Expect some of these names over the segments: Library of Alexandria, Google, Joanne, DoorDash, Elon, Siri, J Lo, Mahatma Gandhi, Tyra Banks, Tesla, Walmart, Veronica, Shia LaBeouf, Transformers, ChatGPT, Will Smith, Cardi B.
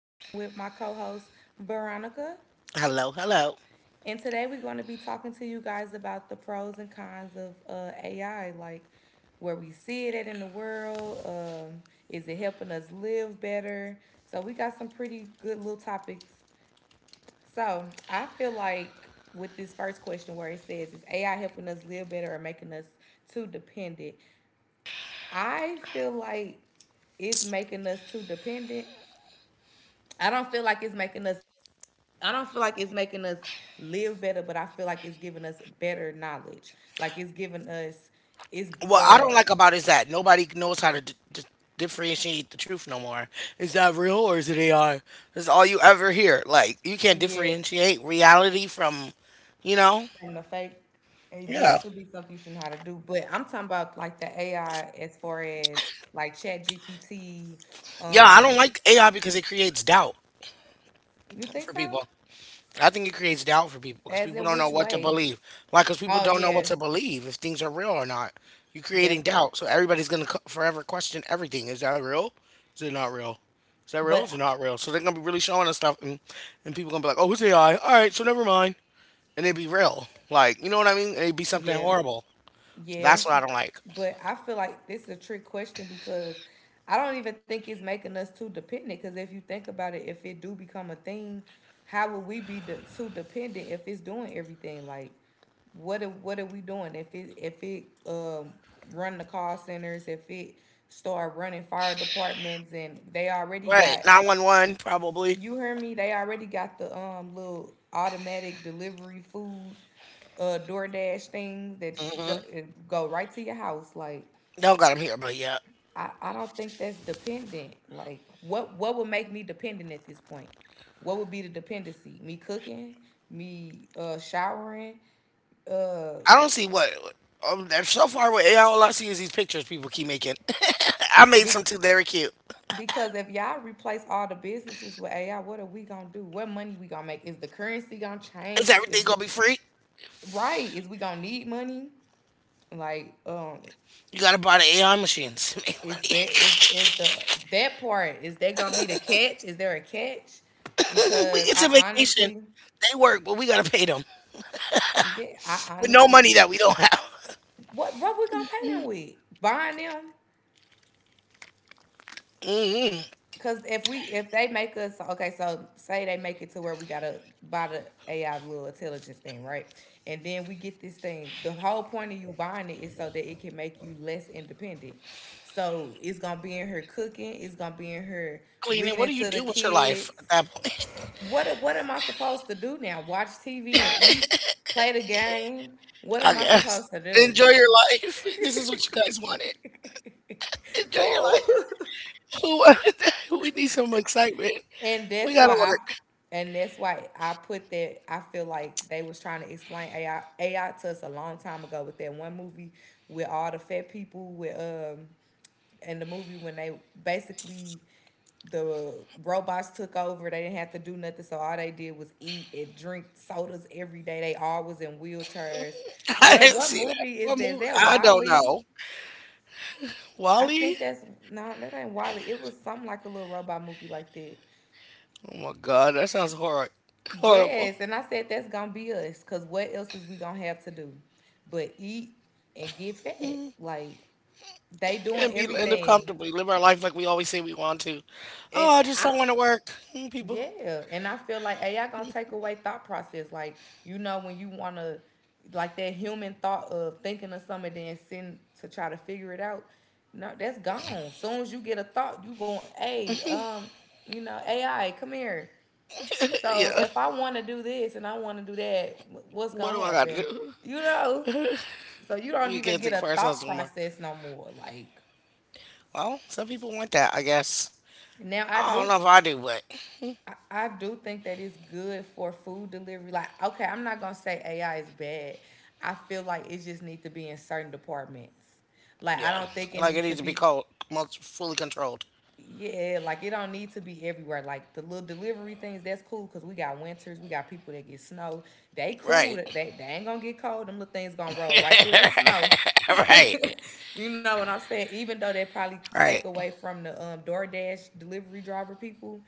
and I'm with my co host, Veronica. Hello, hello. And today we're going to be talking to you guys about the pros and cons of AI, like where we see it at in the world. Um, is it helping us live better? So, we got some pretty good little topics. So, I feel like with this first question where it says, is AI helping us live better or making us too dependent? I feel like it's making us too dependent. I don't feel like it's making us I don't feel like it's making us live better, but I feel like it's giving us better knowledge. Like it's giving us it's What I uh don't like about it is that nobody knows how to differentiate the truth no more. Is that real or is it AI? That's all you ever hear. Like you can't yeah, differentiate reality from, you know. and the fake. And that Yeah, should be something you should know how to do. But I'm talking about like the AI as far as like Chat GPT. yeah. I don't Um, like AI because it creates doubt you think for so? people. I think it creates doubt for people because As people in don't know which what to way? believe. Like, because people Oh don't know yeah, what to believe if things are real or not. You're creating that part. doubt, so everybody's gonna forever question everything. Is that real? Is it not real? Is that real? But Is it not real? So they're gonna be really showing us stuff, and people gonna be like, "Oh, it's AI. All right, so never mind." And it'd be real, like you know what I mean? It'd be something yeah. horrible. Yeah, That's what I don't like. but I feel like this is a trick question because I don't even think it's making us too dependent. Because if you think about it, if it do become a thing, how would we be de- too dependent if it's doing everything? Like, what are we doing if it run the call centers, if it start running fire departments, and they already Right? got, 911 probably. you heard me? They already got the little automatic delivery food, DoorDash things that Hmm. Go right to your house. Like Don't got them here, but yeah. I don't think that's dependent. Like what would make me dependent at this point? What would be the dependency? Me cooking, me showering, uh I don't see what. So far with AI, all I see is these pictures people keep making. I made be- some too. They were cute. because if y'all replace all the businesses with AI, what are we gonna do? What money we gonna make? Is the currency gonna Is change? Is everything we, gonna be free? right? Is we gonna need money? Like, You gotta buy the AI machines to make is money. bet is the that part, is that gonna be the catch? Is there a catch? We Because get to I vacation. honestly, They work, but we gotta pay them yeah, I with no honestly, money that we don't have. what we gonna pay them with? Buying them? Hmm. Cause if they make us, okay, so say they make it to where we gotta buy the AI little intelligence thing, right? And then we get this thing. The whole point of you buying it is so that it can make you less independent. So it's gonna be in her cooking. It's gonna be in her Cleaning. What reading do you to the do with your life kids. at that point? What am I supposed to do now? Watch TV and eat, play the game. What I am I guess supposed to do? enjoy your life. This is what you guys wanted. Enjoy your Who? life. Who wanted that? We need some excitement. And We that's why gotta I work. and that's why I put that I feel like they was trying to explain AI to us a long time ago with that one movie with all the fat people with and the movie when they basically the robots took over. They didn't have to do nothing, so all they did was eat and drink sodas every day. They all was in wheelchairs. I Girl, didn't what see that. movie is What that? Is movie? that I don't Wally? know. I Wally? think that's No, that ain't Wally. It was something like a little robot movie like that. Oh my God, that sounds horror horrible. Yes, and I said that's gonna be us, cause what else is we gonna have to do but eat and get fat? Like they doing Can't be end up everything, comfortably, live our life like we always say we want to. and Oh, I just I don't want to work, people. yeah, and I feel like AI gonna take away thought process. Like you know when you wanna, like that human thought of thinking of something then sitting to try to figure it out. No, that's gone. Soon as you get a thought, you going, hey, you know, AI, come here. So Yeah, if I want to do this and I want to do that, wh- what's what gonna do I got to happen? do? You know, so you don't We even can't get think a for thought ourselves no more. process no more. Like Well, some people want that, I guess. now, I don't know if I do, but I do think that it's good for food delivery. Like, okay, I'm not gonna say AI is bad. I feel like it just needs to be in certain departments. Like, I yeah, don't think it like it needs to needs to be be. called most fully controlled. Yeah, like it don't need to be everywhere. Like the little delivery things, that's cool because we got winters, we got people that get snow. They cool. Right. They ain't gonna get cold. Them little things gonna roll right through that snow. Right. You know what I'm saying? Even though they probably take Right. away from the DoorDash delivery driver people,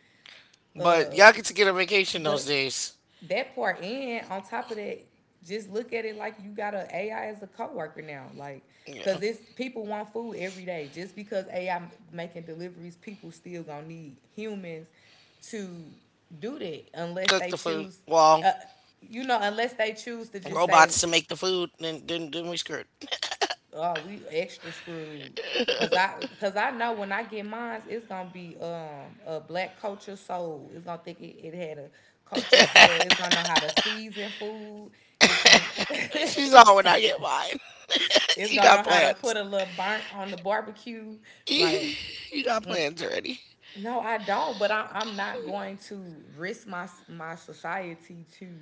But y'all get to get a vacation those but days. that part, and on top of that, just look at it like you got an a AI as a coworker now. Like, cause Yeah. it's people want food every day. Just because AI making deliveries, people still gonna need humans to do that unless Cook they the food. choose. Well, Uh, you know, unless they choose to just say, robots to make the food, then we screwed. oh, we extra screwed. Cause I know when I get mine, it's gonna be a black culture soul. It's gonna think it had a culture soul. It's gonna know how to season food. It's gonna, She's it's on when I get mine. You gonna got know how to plans. put a little burnt on the barbecue. Like, You, you got plans already. no, I don't. But I'm not going to risk my society to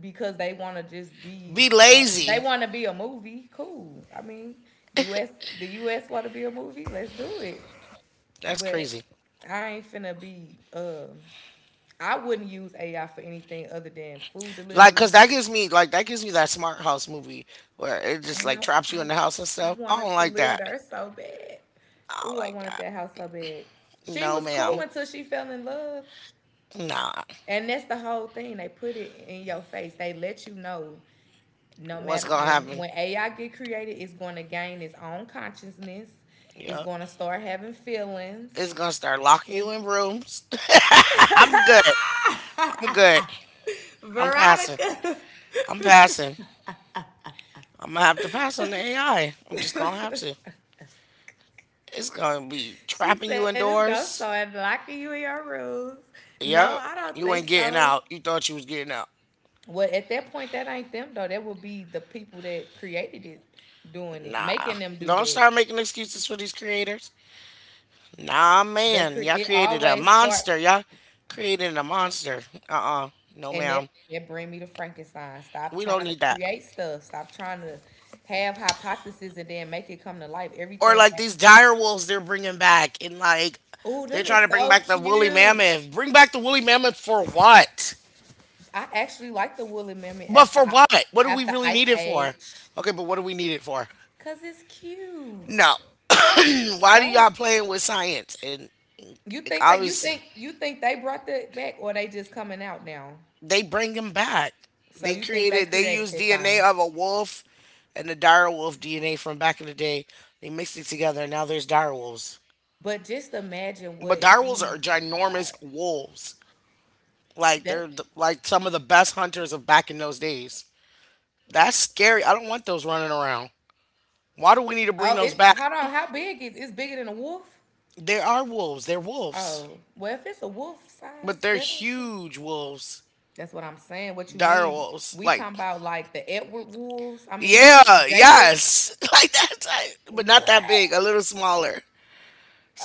because they want to just be Be they lazy. want to be a movie cool, I mean us, the us want to be a movie, let's do it, That's but crazy. I ain't finna be um, I wouldn't use AI for anything other than food Like, delivery. cause that gives me that smart house movie where it just And like traps you in the house and I stuff. I wanted don't to like live that. there so bad. I don't Oh, I like wanted that. that house so bad. She No, was ma'am. cool until she fell in love. Nah. And that's the whole thing. They put it in your face. They let you know no What's matter gonna when happen? when AI get created, it's going to gain its own consciousness. It's Yeah. going to start having feelings. It's gonna start It's locking you in rooms. I'm good. I'm good. I'm passing. Veronica. I'm passing. I'm gonna have to pass on the AI. I'm just gonna have to. It's gonna be She trapping you said it's going to indoors. start locking you in your rules. No, Yeah, I don't you think ain't getting so. out. You thought you was getting out. Well, at that point, that ain't them though. That would be the people that created it doing it, Nah. making them do Don't that. start making excuses for these creators. Nah, The cre- man. Y'all it created a always start monster. Y'all created a monster. Uh. No, And that, ma'am. that bring me to Frankenstein. Stop We don't trying to need that. create stuff. Stop trying to have hypotheses and then make it come to light. Or Everything. like these dire wolves they're bringing back. And like, Oh, they're them trying is to bring so back the woolly cute. mammoth. Bring back the woolly mammoth for what? I actually like the woolly mammoth But after for what? What do we after really Ice need it for? Age, Okay, but what do we need it for? cause it's cute. No. Why do Those, y'all playing with science? And obviously, you think they brought that back or they just coming out now? they bring him back. So They you think they created, they created used that DNA thing? of a wolf and the dire wolf DNA from back in the day. They mixed it together, and now there's dire wolves. But just imagine But what. dire wolves are Oh my ginormous god. wolves. Like That. they're like some of the best hunters of back in those days. That's scary. I don't want those running around. Why do we need to bring Oh, those it. back? Hold on. How big is? It's bigger than a wolf. There are wolves. They're wolves, Oh, well, if it's a wolf but size, they're that makes a- huge wolves. that's what I'm saying. What you Dire mean? wolves. We talking Like, about like the Edward wolves? I mean, not yeah, Jacob. yes, like that type, but not What? that big. A little smaller.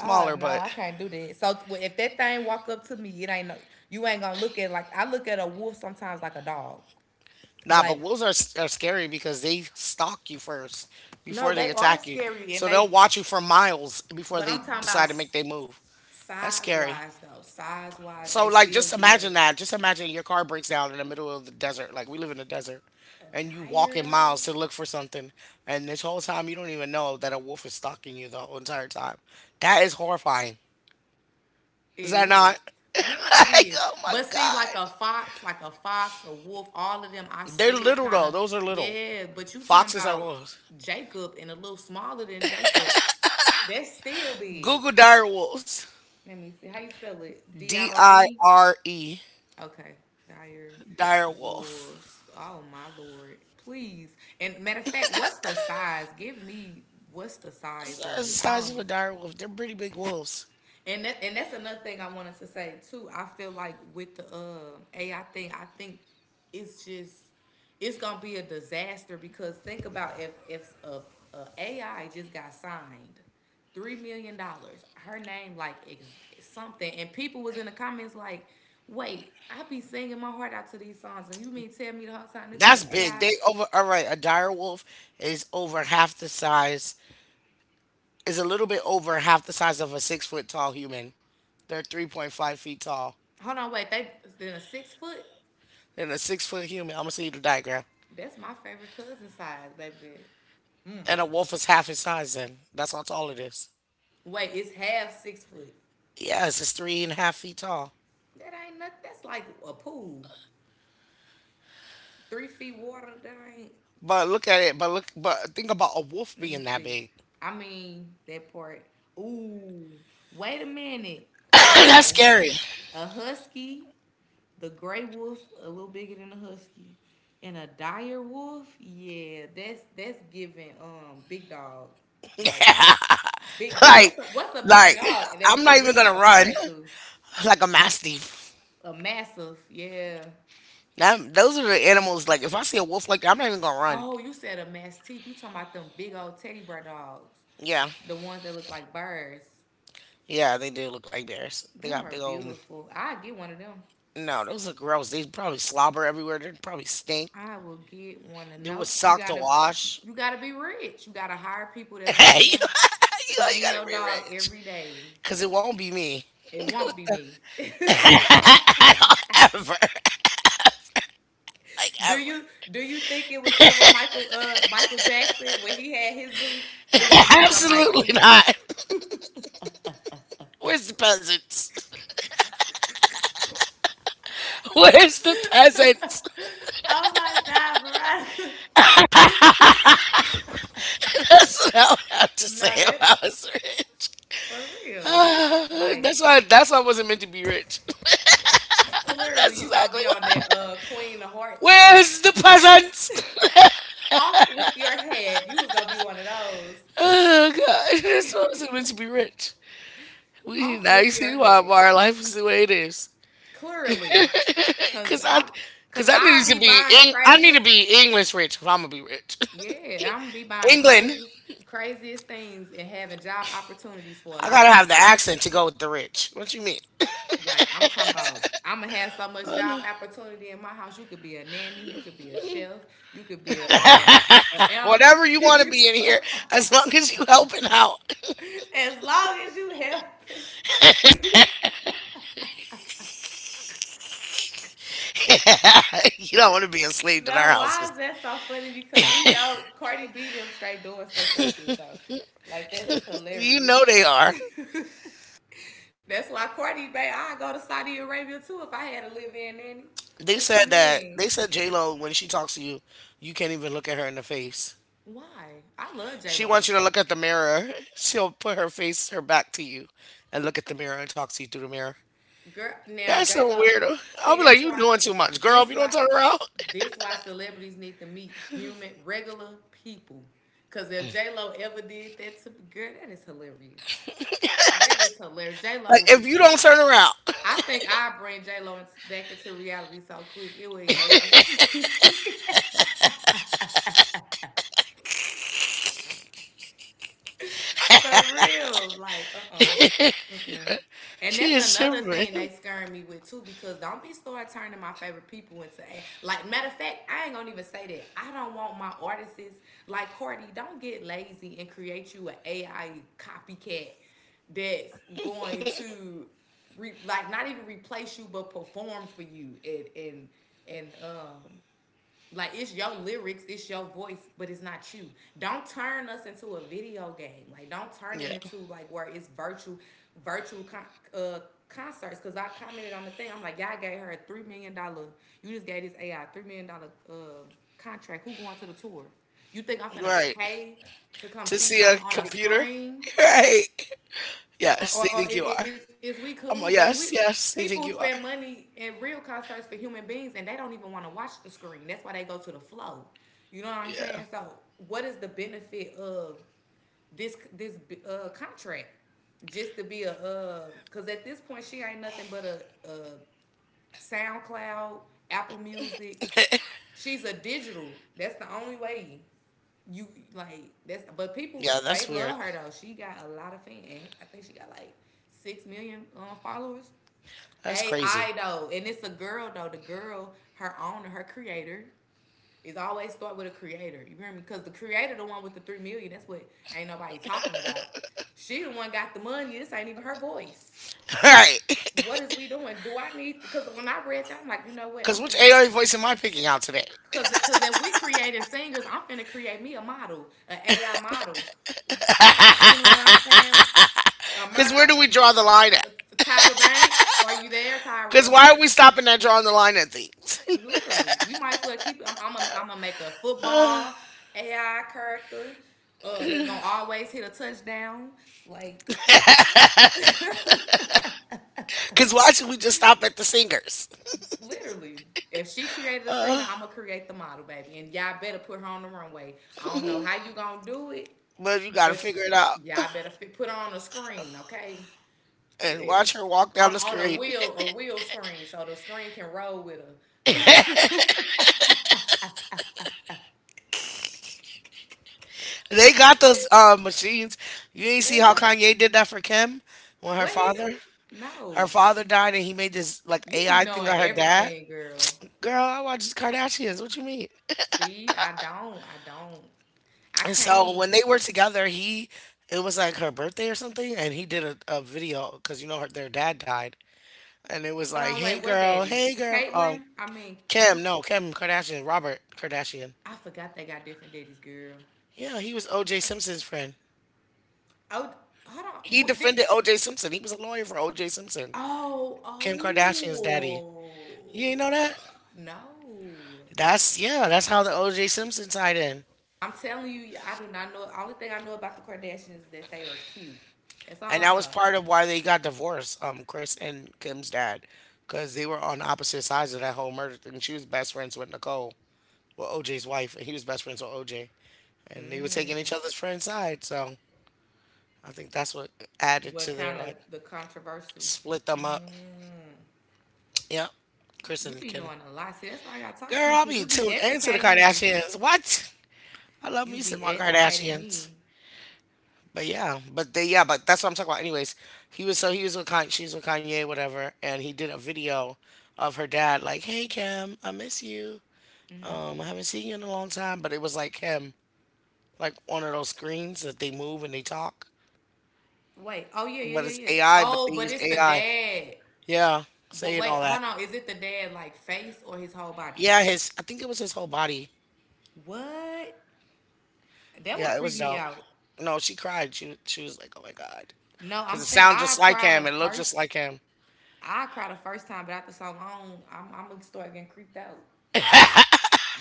Oh no, but I can't do that. So t- if that thing walk up to me, it ain't no. You ain't gonna look at, like I look at a wolf sometimes like a dog. nah. But Like wolves are scary because they stalk you first no, before they they are attack you. scary So and they'll they. watch you for miles before But they I'm talking about decide to make their move. That's size scary. wise though. Size wise, they So like, still just give imagine that. Just imagine your car breaks down in the middle of the desert. Like we live in the desert, a and you dire walking though. miles to look for something, and this whole time you don't even know that a wolf is stalking you the whole entire time. That is horrifying. Is It that not? is. Yeah, that Like, is. oh my But see, God. Like a fox, a wolf, all of them, I They're still little kind though. of, Those are little. yeah. But you talking Foxes are about wolves. Jacob and a little smaller than Jacob. That's still big. Google dire wolves. Let me see. How you spell it? D I D R I E? R E. Okay. Dire Dire wolf. wolves. Oh, my Lord. Please. And matter of fact, what's the size? Give me what's the size What's the of it. I size don't of e. a dire wolf? They're pretty big wolves. And that, and that's another thing I wanted to say too. I feel like with the AI thing, I think it's just, it's gonna be a disaster because think about if AI just got signed $3 million, her name like ex- something, and people was in the comments like, wait, I be singing my heart out to these songs, and you mean tell me the whole time this was an That's big. AI? They over, all right, a dire wolf is over half the size, is a little bit over half the size of a 6-foot tall human. They're 3.5 feet tall. Hold on, wait, they then a 6 foot. And a 6-foot human, I'm gonna send you the diagram. That's my favorite cousin size, baby. And a wolf is half his size then. That's how tall it is. Wait, it's half 6 foot. Yes, it's 3.5 feet tall. That ain't nothing. That's like a pool, 3 feet water. That ain't. But look at it, but look but think about a wolf Let me being that see. big. I mean that part. Ooh, wait a minute. That's Okay, scary. a husky, the gray wolf, a little bigger than a husky, and a dire wolf. Yeah, that's giving big dog, like big big. like What's a big like, dog that I'm we not can even really gonna compare run, it to? like a mastiff. A massive. Yeah. Those are the animals. Like if I see a wolf like that, I'm not even gonna run. Oh, you said a mastiff. You talking about them big old teddy bear dogs. Yeah, The ones that look like birds. yeah, they do look like bears. They Them got are big old. beautiful. I get one of them. No, those are gross. They probably slobber everywhere. They probably stink. I will get one of They would no. Suck to wash. You gotta be rich. You gotta hire people that's gonna Hey, you clean gotta your dog rearrange. every day. Cause it won't be me. It won't be me. I don't ever, like do ever. you do you think it was ever Michael Michael Jackson when he had his zoo? It was never Absolutely Michael. not. Where's the peasants? Where's the peasants? Oh my God, Veronica! That's what I would have to say No, if that I was rich. For real. Like, That's why. That's why I wasn't meant to be rich. clearly That's you gonna exactly be on why. that Queen of Hearts type. Where's the peasant? Off with your head. You was gonna be one of those. Oh God, that's why I wasn't meant to be rich. We Off Now you with your see why head. our life is the way it is. Clearly. Cause Cause I, I cause cause I I needed to be be. buying the I need to craziest. be English rich if I'm gonna be rich. Yeah, I'm be buying the England. craziest, craziest things and having job opportunities for a I lot of gotta have the people. accent to go with the rich. What you mean? Like, I'm talking about, I'm gonna have so much job opportunity in my house. You could be a nanny, you could be a chef, you could be a an animal Whatever you want to be in here, keeper. as long as you helping out. As long as you helping. You don't want to be enslaved in our Now, house. why is that so funny? Because we know Cardi B them straight doing stuff like this though. Like, that is You hilarious. know they are. That's why Cardi B, I go to Saudi Arabia too if I had a live in nanny. They What you said that. mean? They said J Lo when she talks to you, you can't even look at her in the face. Why? I love J She Lo. wants you to look at the mirror. She'll put her face, her back to you, and look at the mirror and talk to you through the mirror. Girl, now That's J so Lo, weird. I'll see be like, that's you why doing too much, girl. If this you don't why turn around, this why celebrities need to meet human regular people. Cause if J Lo ever did that to girl, that is hilarious. That is hilarious. J Lo like would if be. you don't turn around, I think I bring J Lo in, back into reality so quick. It would make us. For real. Like, uh-uh. Mm-mm. And she that's is another thing tripping. they scaring me with too, because don't be start turning my favorite people into a, like, matter of fact, I ain't gonna even say that. I don't want my artists like Cardi, don't get lazy and create you an AI copycat that's going to like, not even replace you but perform for you and like, it's your lyrics, it's your voice, but it's not you. Don't turn us into a video game. Like, don't turn it Yeah, into like where it's virtual uh, concerts. Cause I commented on the thing. I'm like, y'all gave her a $3 million. You just gave this AI $3 million contract. Who going to the tour? You think I'm finna right. pay to come To see see a something on a computer, screen? right? Or, Yes, they or, or i- think you are. is we cool, I'm like, baby? We yes, yes, they people think you spend are. money in real concerts for human beings, and they don't even want to watch the screen. That's why they go to the flow. You know what I'm Yeah, saying? So, what is the benefit of this contract? Just to be a, cause at this point she ain't nothing but a SoundCloud, Apple Music. She's a digital. That's the only way. You like that's, but people yeah. That's they weird. love her though. She got a lot of fans. I think she got like 6 million followers. That's crazy. AI though, and it's a girl though. The girl, her owner, her creator, is always start with a creator. You hear me? Because the creator, the one with the 3 million, that's what ain't nobody talking about. She the one got the money. This ain't even her voice. All right. What is we doing? Do I need? Because when I read that, I'm like, you know what? I'm Because which finna. AI voice am I picking out today? Cause if we creating singers, I'm finna create me a model, an AI model. You know what I'm saying? A Because Mer, where uh, do we draw the line at? Tyra Banks, are you there, Because Tyra? why are we stopping at drawing the line at things? Literally, you might as well keep it. I'm gonna make a football AI character that's gonna always hit a touchdown. Like, Because why should we just stop at the singers? literally, if she created a singer, I'm gonna create the model, baby. And y'all better put her on the runway. I don't know how you gonna do it, But you got to but figure it out y'all better put on a screen, okay? and It, watch her walk down the on a screen. wheel a wheel screen, so the screen can roll with her. They got those machines. You ain't see how Kanye did that for Kim when What he do? her No, father died and he made this like you be AI thing knowing on her dad. everything, girl. Girl, I watch the Kardashians. What you mean? See, I don't, I And so can't. when they were together, he it was like her birthday or something, and he did a video because you know, her, their dad died, and it was Hold like, on, wait, what daddy? hey girl, Caitlin? I mean, Kim, what's? no, Kim Kardashian, Robert Kardashian, I forgot they got different daddies, girl. yeah, he was O.J. Simpson's friend. Oh, hold on. He What did? defended O.J. Simpson. He was a lawyer for O.J. Simpson, Kim Oh, Kardashian's daddy. You ain't oh, know that? uh, no. That's yeah, that's how the O.J. Simpson tied in. I'm telling you, I do not know. The only thing I know about the Kardashians is that they are cute. That's all And I that was know. part of why they got divorced, Chris and Kim's dad, because they were on opposite sides of that whole murder thing. She was best friends with Nicole, well, OJ's wife, and he was best friends with OJ. And they were taking Mm. each other's friend's side. So I think that's what added What to their, kind of like, the controversial? split them up. Mm. Yep. Chris You and be Kim. knowing a lot. See, that's why I gotta talk to Girl, you I'll because be you be tuned into the educating me. Kardashians. What? I love You me some be more educating Kardashians. me. But yeah, but they, yeah, but that's what I'm talking about. Anyways, he was so he was with Kanye, she with Kanye, whatever, and he did a video of her dad like, "Hey Kim, I miss you. I haven't seen you in a long time." But it was like him, like one of those screens that they move and they talk, Wait. Oh, yeah, but yeah, it's yeah, yeah. AI, but Oh, they but use it's the AI. dad. Yeah, But saying wait, all that. hold on. Is it the dad like face or his whole body? Yeah, his I think it was his whole body. What? That would Yeah, it creep was me dope. out. No, she cried. She was like, "Oh my god," No, I'm because it saying sounded I just like cried the him. It looked just first like him. I cried the first time, but after so long, I'm gonna start getting creeped out.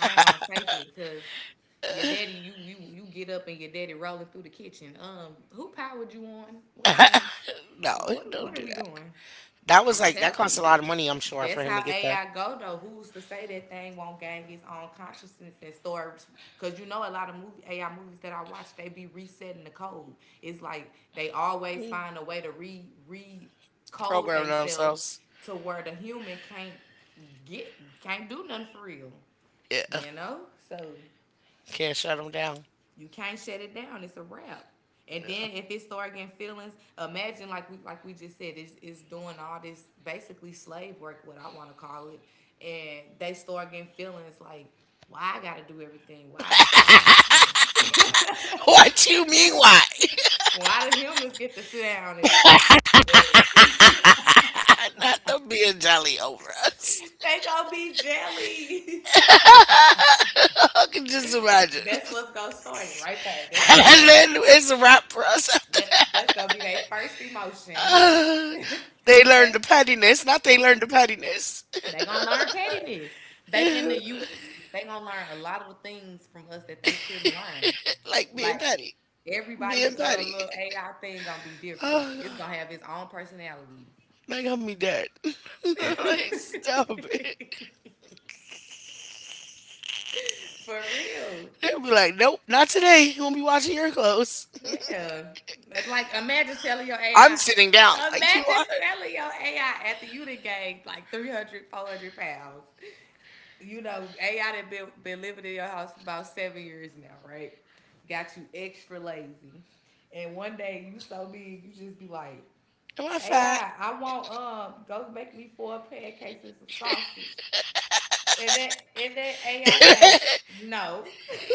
I ain't gonna take it because your daddy, you get up and your daddy rolling through the kitchen. Who powered you on? What is going? No, What don't what are do we that. doing? That was I'm like that telling cost a you. lot of money, I'm sure, for That's him to how get that. AI go though. Who's to say that thing won't gain its own consciousness and stories? Because you know a lot of movie AI movies that I watch, they be resetting the code. It's like they always Mm. find a way to re code Program themselves themselves. to where the human get can't do nothing for real. Yeah, You know, so can't shut them down. you can't shut it down. It's a wrap. And then if it start getting feelings, imagine like we just said, it's doing all this basically slave work, what I want to call it, and they start getting feelings like, why I gotta do everything? Why? What you mean? Why? Why do humans get to sit down and Not them being jolly over us. they gonna be jelly? I can just imagine. That's what's gonna start it right there. That's gonna be And their then it's a wrap for us. that, that's gonna be their first emotion. Uh, they learned And, the pettiness. Not they and learned the pettiness. they gonna learn pettiness. They in the U.S. They gonna learn a lot of things from us that they shouldn't learn. Like Like, being petty. everybody, Being petty. little AI thing gonna be different. It's Oh, gonna have its own personality. that got me dead. Like, stop it. For real. They'll be like, nope, not today. You won't be watching your clothes. Yeah. It's like, imagine telling your I'm AI. sitting down like you Imagine are. telling your AI after you done gained like 300, 400 pounds. AI that been living in your house for about 7 years now, right? Got you extra lazy, and one day you so big you just be like, Am I AI, fat? I want go make me four pancakes and some sausage, and that AI If say no.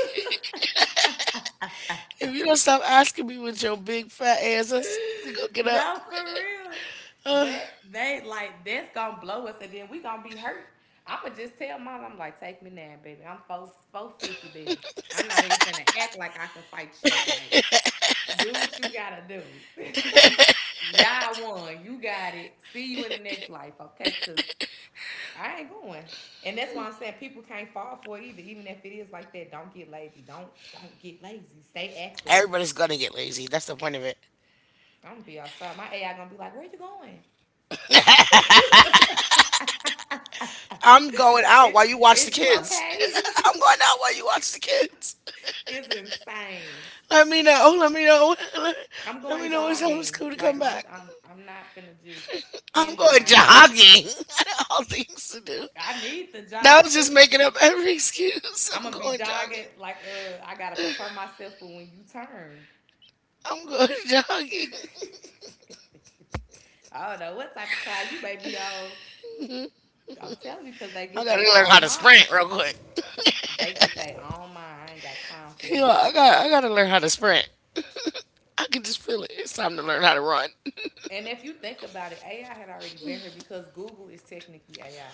you don't stop asking me with your big fat ass, to go get up. No, for real. Ugh. That they like that's gonna blow us, and then we gonna be hurt. I'ma just tell mine. I'm like, take me now, baby. I'm four four fifty, baby. I'm not even finna act like I can fight you. Like, do what you gotta do. Y'all won. You got it. See you in the next life, okay? Cause I ain't going. And that's why I'm saying people can't fall for it either. Even if it is like that, don't get lazy. Don't get lazy. Stay active. Everybody's gonna get lazy. That's the point of it. I'm gonna be outside. My AI gonna be like, where you going? I'm going out Is while you watch the is you kids. okay? I'm going out while you watch the kids. It's insane. Let me know. Let me know. Let, I'm let going me know it's time for jogging. school to Like, come I'm back. I'm I'm not finna just I'm hinder going myself. jogging. I got all things to do. I need the That jog was just cause making up every excuse. I'm I'm gonna be going jogging jogging. like I gotta prepare myself for when you turn. I'm going jogging. I don't know what type of time you may be on. I'm telling you, cause they I get gotta their learn how own to mind. sprint real quick. They get their own mind. I ain't got time for it. I gotta learn how to sprint. I can just feel it. It's time to learn how to run. And if you think about it, AI had already been here because Google is technically AI.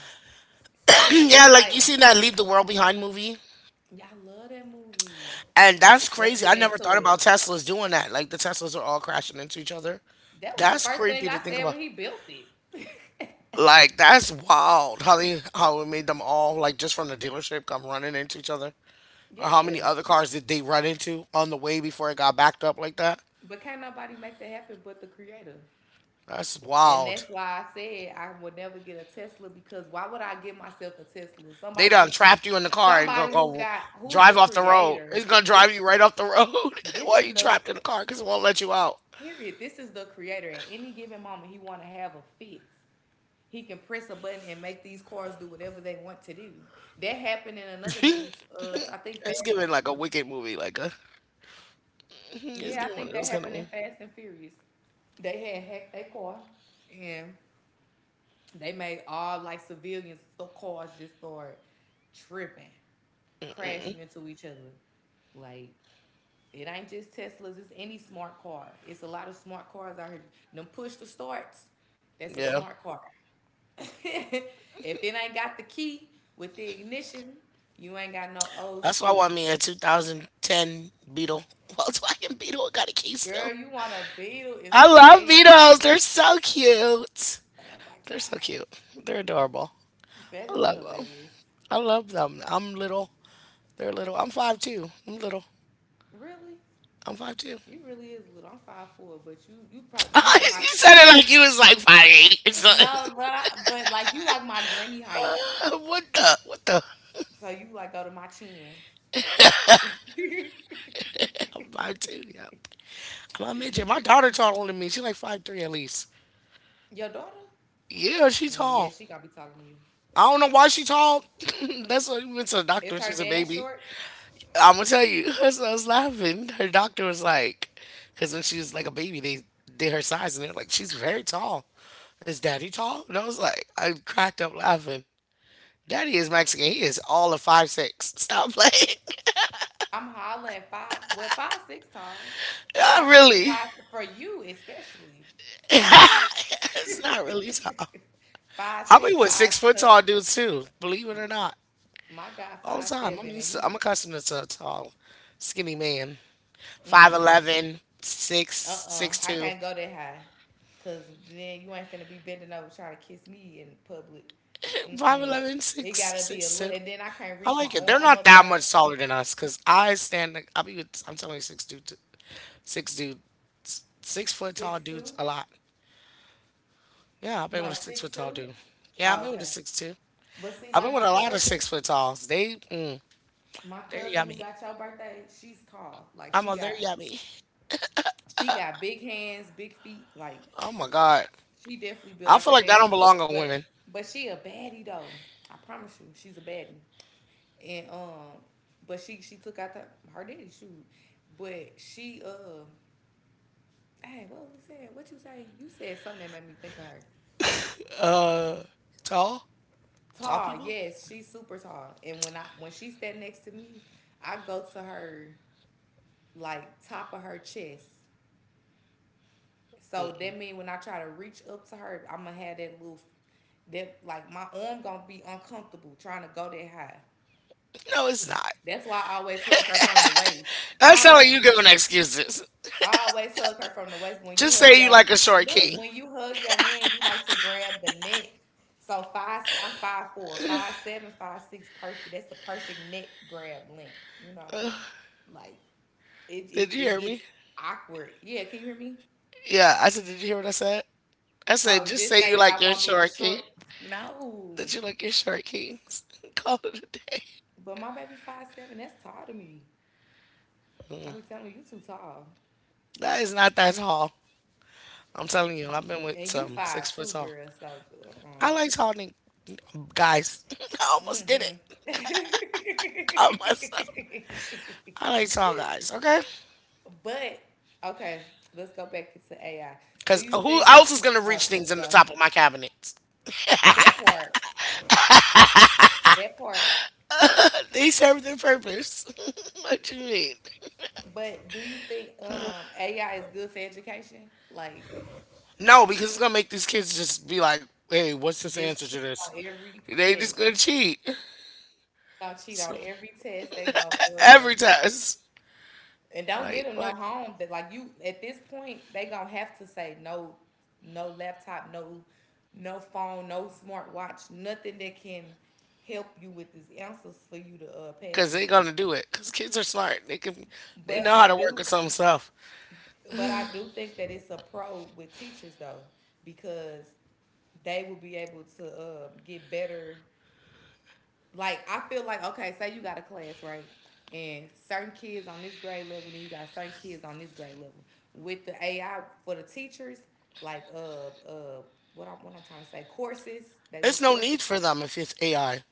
Check, Yeah, it's like like you seen that Leave the World Behind movie? y'all love that movie. And that's Let's crazy. I get never thought into about it. Teslas doing that. Like the Teslas are all crashing into each other. That was the That's first thing creepy to I think said when about. he built it. Like that's wild how it made them all like just from the dealership come running into each other. Or how Yeah, many other cars did they run into on the way before it got backed up like that? but can't nobody make that happen but the creator. That's And wild. that's why I said I would never get a Tesla because why would I give myself a Tesla? They Somebody done who, trapped you in the car and gonna somebody who go got who's the drive off the road. creator. It's gonna This drive you right off the road this while is you the trapped in the car because it won't let you out. period. This is the creator. At any given moment, he want to have a fit. He can press a button and make these cars do whatever they want to do. That happened in another movie. I think It's Fast giving and like a Furious. wicked movie, like a it's Yeah, I giving one think of that those kind of happened in movies. Fast and Furious. They had hacked their car, and they made all like civilians. So cars just start tripping, crashing into each other. Like, it ain't just Teslas, it's any smart car. It's a lot of smart cars out here. Them push to starts, that's a Yeah. smart car. If it ain't got the key with the ignition, you ain't got no old That's why I school. want me a 2010 Beetle. Volkswagen Beetle. It got a key still. Girl, you want a Beetle is I love crazy. Beetles. They're so cute. Oh my They're so God. cute. They're adorable. I That is love them. hilarious. I love them. I'm little. They're little. I'm 5'2". I'm little. Really? I'm 5'2". You really is little. I'm 5'4", but you probably You you like my said it like you was like 5'8" or something. no, but like you like my granny height. What the? What the? So you like go to my chin. I'm 5'2". Yep. I'm a midget. My daughter taller than me. She like 5'3" at least. Your daughter? Yeah, she Mm, tall. yeah, she gonna be talking to you. I don't know why she tall. That's why we went to the doctor when Is she her was a dad baby. short? I'm gonna tell you. So I was laughing. Her doctor was like, because when she was like a baby, they did her size and they're like, she's very tall. Is daddy tall? And I was like, I cracked up laughing. Daddy is Mexican. He is all of 5'6". Stop playing. I'm hollering five, well, 5'6" tall, Not five six really. five for you especially. It's not really tall. Five I be six with six five. Five. foot Cause tall dudes too, believe it or not, my guy all the five time. I'm seven, and used to, I'm he. accustomed to a tall, skinny man. Five Mm-hmm. eleven, six, Uh-uh. six I two. can't go that high, cause then you ain't finna be bending over trying to kiss me in public. Five Mm-mm. eleven, It six, gotta be a 6'2". look, and then I can't I reach my like it. They're arm not up that much there. taller than us because I stand, I be with, I'm telling you, six dude, 6 foot tall Six two. dudes a lot. Yeah, I've been with a No, 6 foot six tall two. dude. Yeah, I've Oh, been with a okay. 6'2". But see, I've been like with my a lot of cousin, 6 foot talls. They, mm, my they're cousin who yummy. got your birthday, she's tall. Like she They're got, yummy. she got big hands, big feet. Like Oh my god. she definitely built I like feel her like that daddy. don't belong on But women. but she a baddie though. I promise you, she's a baddie. And but she took out the her daddy shoot. But she hey, what was we saying? What you say? You said something that made me think of her. Tall? Tall Tall, people? yes, she's super tall. And when she stand next to me, I go to her like top of her chest. So that mean when I try to reach up to her, I'ma have that like my arm gonna be uncomfortable trying to go that high. No, it's not. That's why I always hug her from the waist. That I sounds always like you giving excuses. I always hug her from the waist. When you Just hug say you your like a short Look, king. when you hug your man, you like to grab the neck. So five, I'm five four, five seven, five six, perfect. That's the perfect neck grab length. You know, like it, it, Did you it hear gets me? awkward. Yeah, can you hear me? Yeah, I said, did you hear what I said? I said, Oh, just just say you say that like I your want me a short king. short. Did No, you like your short kings? Call it a day. but my baby five seven. That's tall to me. I be telling you, you too tall, That is not that tall. I'm telling you, I've been with and you some six five foot too, tall. girl. So uh-uh. I like tall guys. I almost did it. Mm-hmm. Caught myself. I like tall guys, okay? But okay, let's go back to AI. Do Because you who think? else is going to Oh, reach right, let's things in the go. top of my cabinets? That part, that part. They serve their purpose. What you mean? But do you think AI is good for education? Like, No, because it's gonna make these kids just be like, "Hey, what's this just answer to cheat this?" on every test. They They just gonna cheat. gonna cheat on So every test. They gonna every test, And don't get right? them no Like, home that like you at this point they gonna have to say no, no laptop, no, no phone, no smartwatch, nothing that can help you with these answers for you to pass cause this they test. gonna do it. Cause kids are smart. They But know how I to work do, with some stuff. but I do think that it's a pro with teachers though, because they will be able to get better. Like I feel like okay, say you got a class right, and certain kids on this grade level, and you got certain kids on this grade level. With the AI for the teachers, like uh uh what I'm trying to say, courses, they little It's no course need for them if it's AI.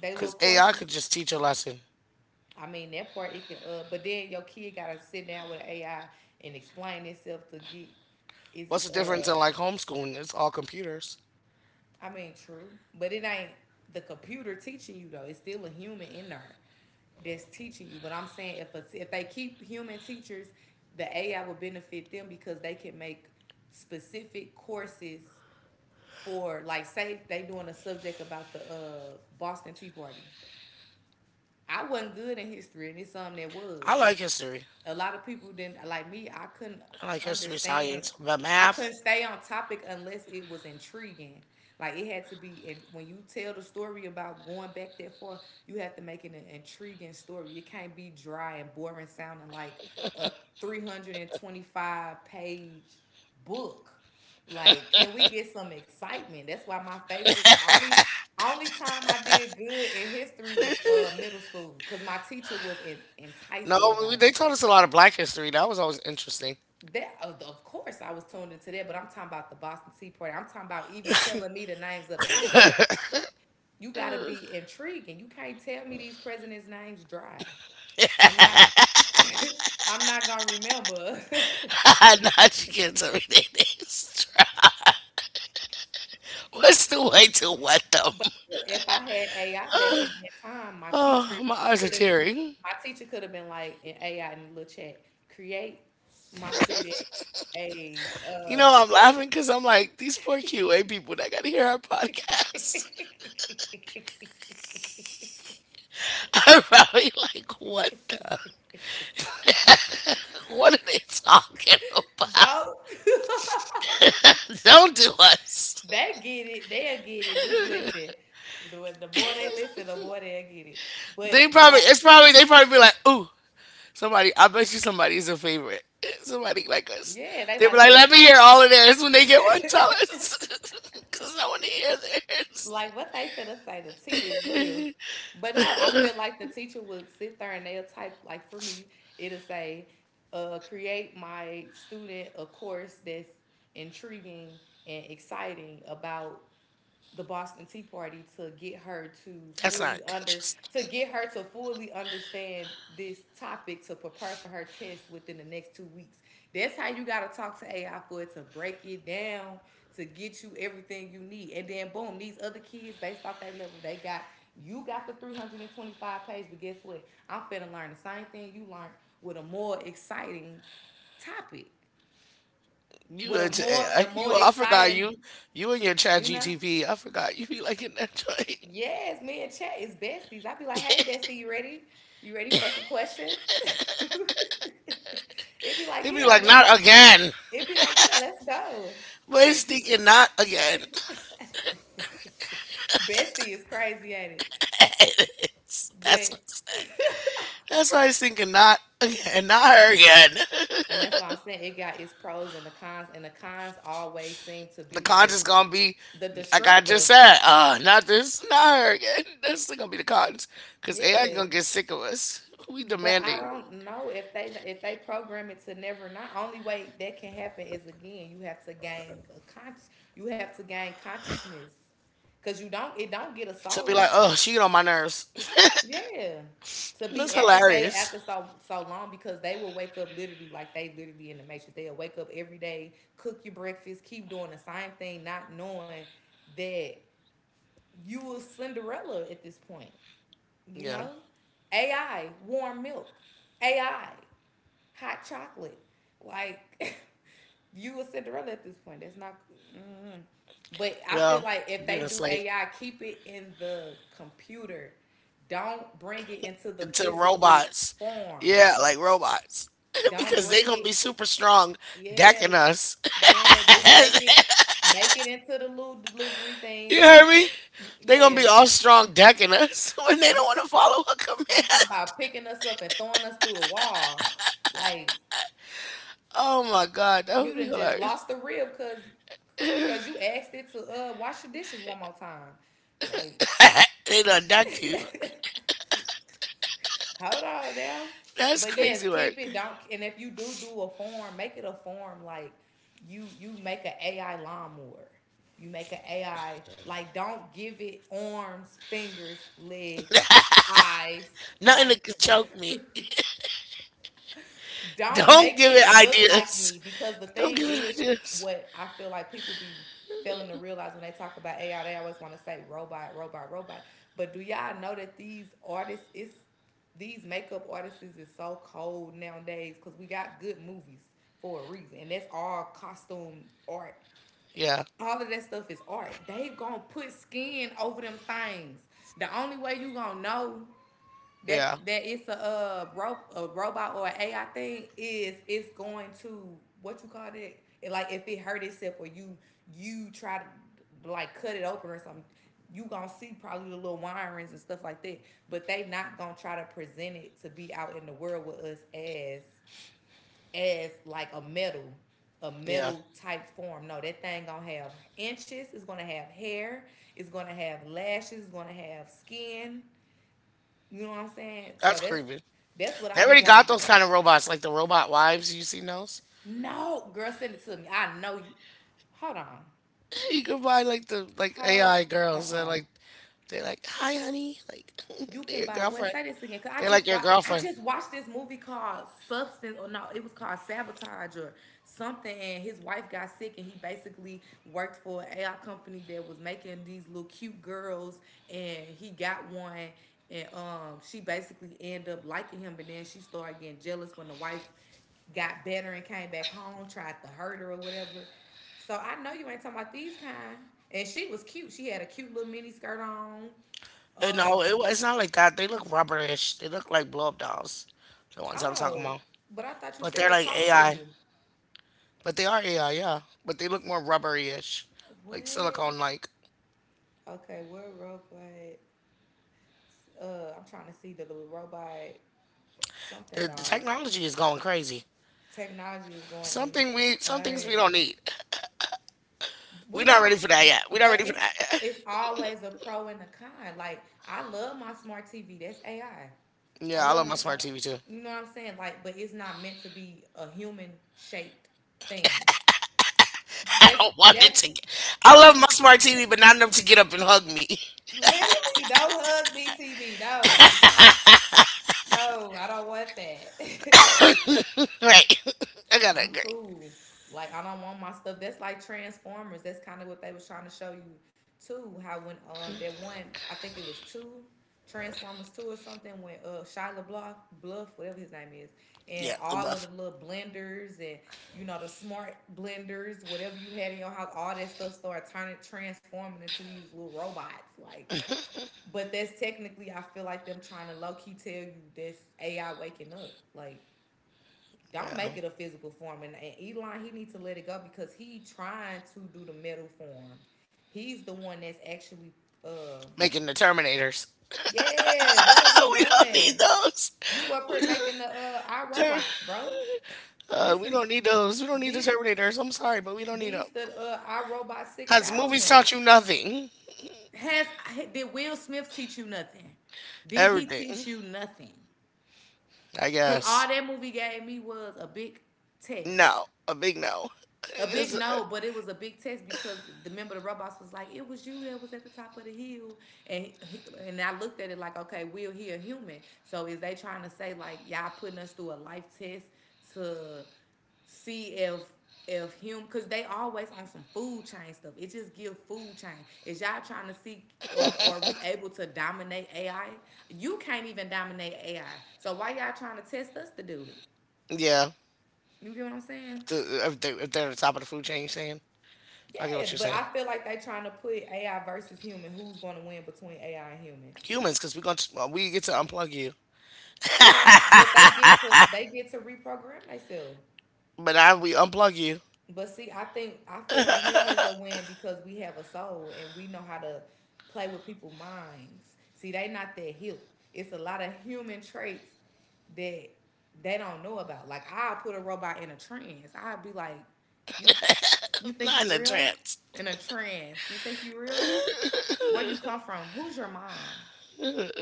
they little Cause AI courses. could just teach a lesson. I mean that part it can, but then your kid gotta sit down with an AI and explain itself to get. It's What's the difference in like homeschooling? It's all computers. I mean, true, but it ain't the computer teaching you though. It's still a human in there that's teaching you. But I'm saying if they keep human teachers, the AI will benefit them because they can make specific courses for, like, say they doing a subject about the Boston Tea Party. I wasn't good in history, and it's something that I was. like history. A lot of people didn't like me. I couldn't I like history, understand. science, but I math. couldn't stay on topic unless it was intriguing. Like it had to be, and when you tell the story about going back that far, you have to make it an intriguing story. It can't be dry and boring, sounding like a 325 page book. Like, can we get some excitement? That's why my favorite, the only time I did good in history was middle school, because my teacher was enticing No, about it. they taught us a lot of Black history. That was always interesting. That of course I was tuned into that, but I'm talking about the Boston Tea Party. I'm talking about even telling me the names of the presidents. You gotta be intriguing. You can't tell me these presidents' names dry. I'm not. I'm not gonna remember. Not you can't tell me that it's trap. What's the way to wet them? But if I had AI back in that time, Oh, my eyes are could have. tearing. my teacher could have been like in AI in the little chat, create my student a I'm course. laughing because I'm like, these poor QA people that got to hear our podcast are probably like, what the? What are they talking about? Don't. Don't do us. They get it. They'll get it. Just listen. The more they listen, the more they'll get it. But They probably, like, it's probably, they probably be like, ooh, somebody, I bet you somebody's a favorite. Somebody like us. yeah, they They be like like, let us. me hear all of theirs when they get one, tell us. Because I want to hear theirs. Like what they finna say, the tea is real. But no, I feel like the teacher would sit there and they'll type, like for me, it'll say, create my student a course that's intriguing and exciting about the Boston Tea Party That's not fully under to interesting. get her to fully understand this topic to prepare for her test within the next 2 weeks. That's how you gotta talk to AI for it to break it down to get you everything you need. And then boom, these other kids based off that level, they got you got the 325 page, but guess what? I'm finna learn the same thing you learned with a more exciting topic. With a more, You, I forgot exciting, you, and your Chat you know? GTP. I forgot you be like in that joint. Yes, me and Chat is besties. I'd be like, hey, bestie, you ready? You ready for some questions? It'd be like, It be yeah, like let's. not again, It'd be like, yeah, let's go. but it's thinking not again. Bestie is crazy at it, It is. But That's why it's thinking not again, not her again. and that's why I'm saying it got its pros and the cons always seem to be The the de- content's gonna be the like I just destructive. said. Not this, not her again. That's gonna be the cons, cause AI Yeah, gonna get sick of us. We but I demanding don't know if they program it to never not. Only way that can happen is again, you have to gain a conscious you have to gain consciousness, cause you don't it don't get a to be like, soul. oh, she get on my nerves. Yeah, to be That's agitated hilarious. after so long, because they will wake up literally like they literally in the matrix. They'll wake up every day, cook your breakfast, keep doing the same thing, not knowing that you a Cinderella at this point. You Yeah, know, AI warm milk, AI hot chocolate. Like you a Cinderella at this point. That's not. Mm. But I yeah, feel like if being they a do slave AI, keep it in the computer. Don't bring it into the to physical robots. form. Yeah, like robots. Don't Because they bring gonna be it. super strong Yeah, decking us. yeah. Just make it into the little delivery You things. heard Keep. me? They gonna Yeah, be all strong decking us when they don't yeah. wanna follow a command. I'm talking about picking us up and throwing us through the wall. Like Oh my god, that you would be done just hilarious. lost the rib because Cause you asked it to wash the dishes one more time. Like, They done duck you. hold on now. That's But yes, crazy keep work. it. Don't. And if you do do a form, make it a form like you make an AI lawnmower. You make an AI, like don't give it arms, fingers, legs, eyes. Nothing Like that could choke me. don't Don't make give it it look like ideas. me, because the Don't thing give it is, ideas. what I feel like people be failing to realize when they talk about AI, they always want to say robot, robot, robot. But do y'all know that these makeup artists is so cold nowadays, because we got good movies for a reason, and that's all costume art. Yeah, All of that stuff is art. They gonna put skin over them things. The only way you gonna know yeah, that it's a robot or an AI thing is it's going to, what you call that? It, like if it hurt itself or you try to like cut it open or something, you gonna see probably the little wirings and stuff like that. But they not gonna try to present it to be out in the world with us as like a metal, yeah. Type form. No, that thing gonna have inches. It's gonna have hair. It's gonna have lashes. It's gonna have skin, you know what I'm saying? So That's that's creepy. that's what They I be already wanting. got those kind of robots, like the robot wives. You seen those? No, girl, send it to me. I know you. Hold on. You can buy like the like How? AI Uh girls that uh like they're like, "Hi, honey," like you they're can your buy what? girlfriend. Say this again, because They're like your I girlfriend. just watched this movie called Substance, or no, it was called Sabotage or something, and his wife got sick, and he basically worked for an AI company that was making these little cute girls, and he got one, and she basically ended up liking him, but then she started getting jealous when the wife got better and came back home, tried to hurt her or whatever. So I know you ain't talking about these kind, and she was cute, she had a cute little mini skirt on. And no, um it's not like that. They look rubberish. They look like blow up dolls, the ones I'm talking Oh, about. but I thought you But said they're it like talked to AI. you. But they are AI, yeah. But they look more rubbery-ish, like What? silicone like. Okay, what robot? I'm trying to see the little robot something The dolls. technology is going crazy. Technology is going Some things we insane. don't need. We We're not don't, ready for that yet. We're not but ready for it's that yet. it's always a pro and a con. Like I love my smart TV. That's AI. I Yeah, I love love my. my I, smart TV too. you know what I'm saying? Like, but it's not meant to be a human shaped thing. That's Don't want it that's to get. I love my smart TV, but not enough to get up and hug me. literally no hug me TV. No, no, I don't want that. Right. I gotta I'm agree. cool. Like I don't want my stuff. That's like Transformers. That's kind of what they was trying to show you too. How when that one, I think it was two Transformers two or something when Shia LaBeouf, Bluff whatever his name is, and Yeah, the all of buff. the little blenders and the smart blenders, whatever you had in your house, all that stuff started turning transforming into these little robots. Like, but that's technically I feel like them trying to low key tell you that's AI waking up. Like don't Yeah. make it a physical form. And Elon, he needs to let it go because he trying to do the metal form. He's the one that's actually, uh, Making the Terminators. yeah. What are we We don't need doing? those. You up We here don't, making the our ter- bro? This we is don't need those. We don't need the these Terminators. I'm sorry, but we don't need them. these the our six Because movies thousands. taught you nothing. Has did Will Smith teach you nothing? Did he teach Everything, you nothing? I Cause all guess. that movie gave me was a big test. No. A big no. A big It's- no, but it was a big test because the member of the robots was like, "It was you that was at the top of the hill," and I looked at it like, "Okay, Will he a human? So is they trying to say like y'all putting us through a life test to see if him because they always on some food chain stuff. It just give food chain. Is y'all trying to see or are we able to dominate AI? You can't even dominate AI. So why y'all trying to test us to do it? yeah. You get what I'm saying?" If, if they're at the top of the food chain, you're saying? I get Yeah, what you're but saying. I feel like they trying to put AI versus human. Who's going to win between AI and human? Humans, because we get to unplug you. It ain't, but they get to reprogram themselves. But I we unplug you. But see, I feel like humans are win because we have a soul and we know how to play with people's minds. See, they not that hip. It's a lot of human traits that they don't know about. Like I'll put a robot in a trance. I'll be like, you you think Not you in a real? trance. In a trance. You think you real? Where you come from, who's your mom?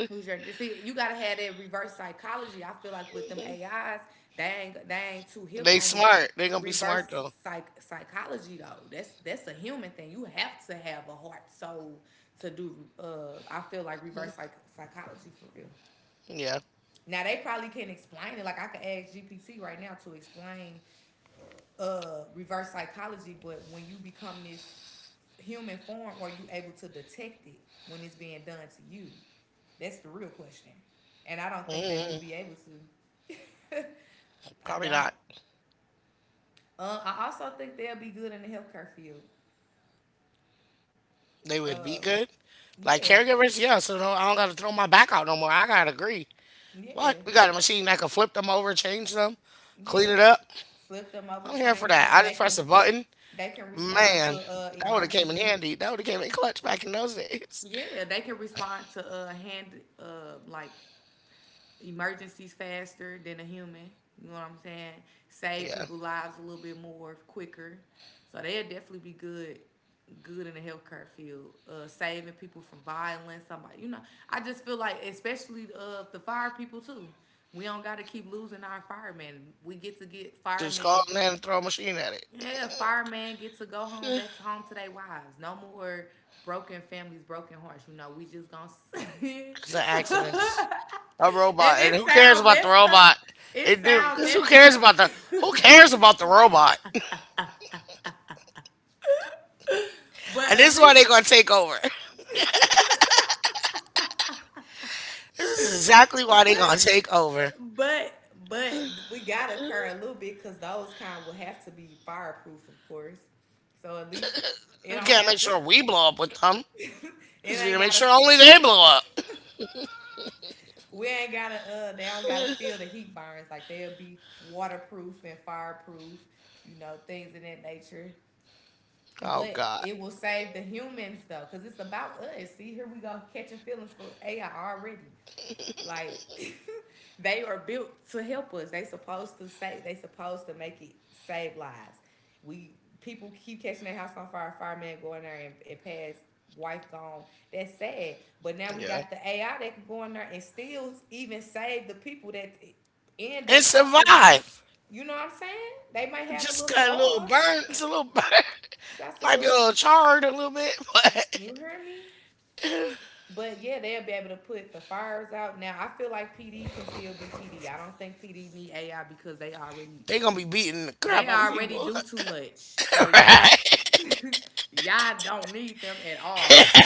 Who's your see? You gotta have that reverse psychology. I feel like with them AIs, they ain't too hip They on smart. They're gonna be reverse smart though. Psychology though. That's a human thing. You have to have a heart soul to do. I feel like reverse psychology for real. Yeah, Now they probably can't explain it. Like I could ask GPT right now to explain reverse psychology, but when you become this human form, are you able to detect it when it's being done to you? That's the real question. And I don't think they will be able to. I probably don't. not. I also think they'll be good in the healthcare field. They would Uh, be good. Like yeah, caregivers, yeah. So no, I don't gotta throw my back out no more. I gotta agree. yeah, What? We got a machine that can flip them over, change them, yeah. clean it up. Flip them over, I'm here for change that. them. I just press a button. They can respond to Man, that would have came in emergency. handy. That would have came in clutch back in those days. Yeah, they can respond to hand like emergencies faster than a human. You know what I'm saying? Save Yeah, people lives a little bit more quicker. So they'll definitely be good in the healthcare field. Saving people from violence, somebody you know. I just feel like especially the fire people too. We don't gotta keep losing our firemen. We get to get just call firemen, them and throw a machine at it. yeah, firemen get to go home back to home to their wives. No more broken families, broken hearts. You know, we just gonna sing. Cause of And accidents. A robot. And it who cares sound about the messed up. robot? It It do sound because who messed cares up. about the who cares about the robot? But And at this is why least they gonna take over. This is exactly why but they gonna take over. but but we gotta curb a little bit because those kind will have to be fireproof, of course. So at least it We don't can't make have to, sure we blow up with them. We it just need ain't to make gotta, sure only they blow up. we ain't gotta, they don't gotta feel the heat burns. Like they'll be waterproof and fireproof, you know, things in that nature. Oh But God. it will save the humans though, because it's about us. See, here we go catching feelings for AI already. Like they are built to help us. They supposed to save. They supposed to make it save lives. We People keep catching their house on fire, firemen go in there and pass, wife gone. That's sad. But now we Yeah. got the AI that can go in there and still even save the people that end And up possibly, survive. you know what I'm saying? They might have a little Just got a little scars. burn. It's a little burn. Got some Might be little, a little charred a little bit, but you hear me? But yeah, they'll be able to put the fires out. Now I feel like PD can still be PD. I don't think PD need AI because they already they gonna be beating the crap out of people. do too much. So y'all, Right? y'all don't need them at all.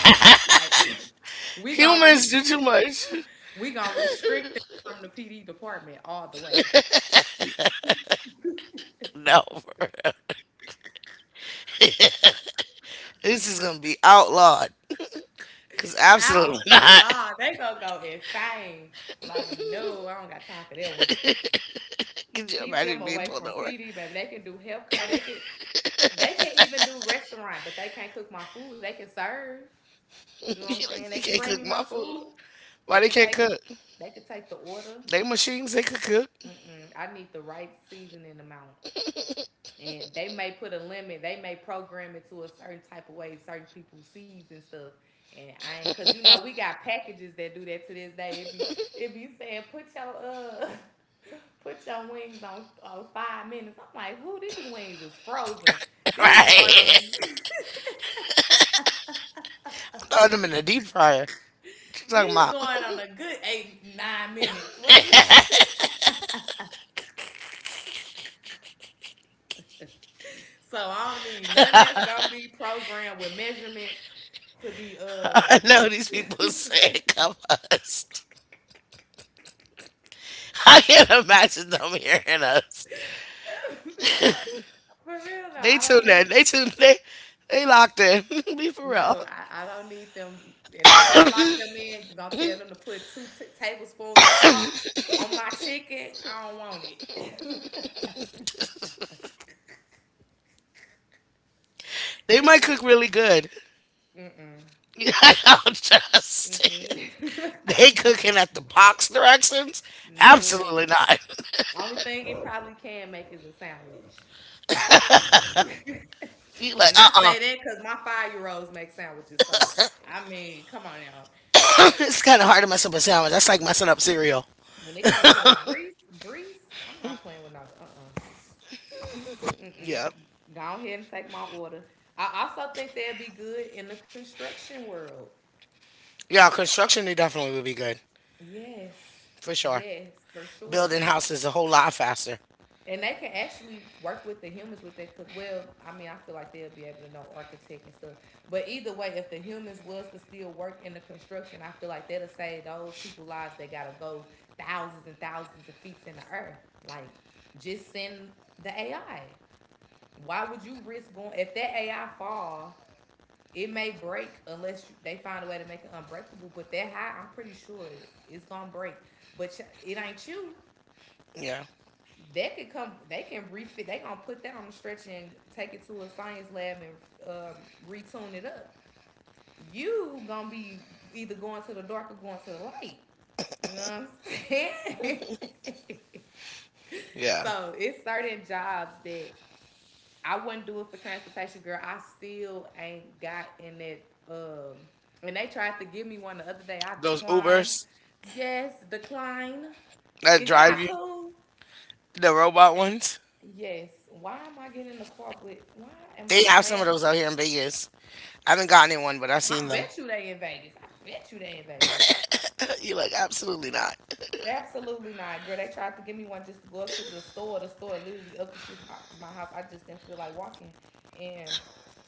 Like we gonna re- Humans do too much. we gonna restrict them from the PD department all the way. No, this is gonna be outlawed. Cause absolutely not. Outlaw, they gonna go insane. Like no, I don't got time for that one. Could you Keep them imagine being away pulled from over? PD, baby. They can do healthcare. They can even do restaurant, but they can't cook my food. They can serve. You You know what I'm saying? like They they can can't bring me cook my my food. food. They Why they can can't take cook? they can take the order. They machines they could cook. Mm-mm. I need the right seasoning amount. And they may put a limit. They may program it to a certain type of way certain people season stuff. And I ain't, cause you know we got packages that do that to this day. It be saying put your put your wings on 5 minutes. I'm like, who, these wings is frozen? These Right. going on a Throw them in the deep fryer. What you talking These about? going on a good eight, 9 minutes. What is it? So I don't need nothing that's gonna be programmed with measurements to be I know these people are sick of us. I can't imagine them hearing us. for real though. They I don't tuned need in. They tuned they locked in. Be for real. no, I don't need them. If you gonna lock them in, you gonna tell them to put two tablespoons of salt on my chicken. I don't want it. They might Yeah. cook really good. I don't Mm-mm. trust it. Mm-mm. They cooking at the box directions? Absolutely No. not. Only thing it probably can make is a sandwich. You like And I say that because my 5 year olds make sandwiches. So I mean, come on now. It's kind of hard to mess up a sandwich. That's like messing up cereal. When it comes to grease, I'm not playing with no. Uh, uh-uh. Mm-mm. Yeah, Go ahead and take my order. I also think they'd be good in the construction world. yeah. Construction they definitely would be good Yes, for sure. yes, for sure. Building houses a whole lot faster. And they can actually work with the humans with that. Could. Well, I mean, I feel like they'll be able to know architect and stuff. But either way, if the humans was to still work in the construction, I feel like that'll save those people lives that gotta go thousands and thousands of feet in the earth. Like, just send the AI. Why would you risk going if that AI fall? It may break unless they find a way to make it unbreakable. But that high, I'm pretty sure it's gonna break. But it ain't you. Yeah, That could come. They can refit. They gonna put that on the stretcher and take it to a science lab and, uh, retune it up. You gonna be either going to the dark or going to the light. You know what I'm saying? yeah. So it's certain jobs that I wouldn't do it for transportation, girl. I still ain't got in it. And they tried to give me one the other day. I Those declined. Ubers Yes, decline. that Is drive y'all you, cool? the robot ones. Yes. Why am I getting in the car with? Why am I They have some playing? of those out here in Vegas. I haven't gotten in one, but I've seen I them. bet you they in Vegas. I bet you they in Vegas. You're like, absolutely not. Absolutely not, girl. They tried to give me one just to go up to the store. The store literally up the street from my house. I just didn't feel like walking, and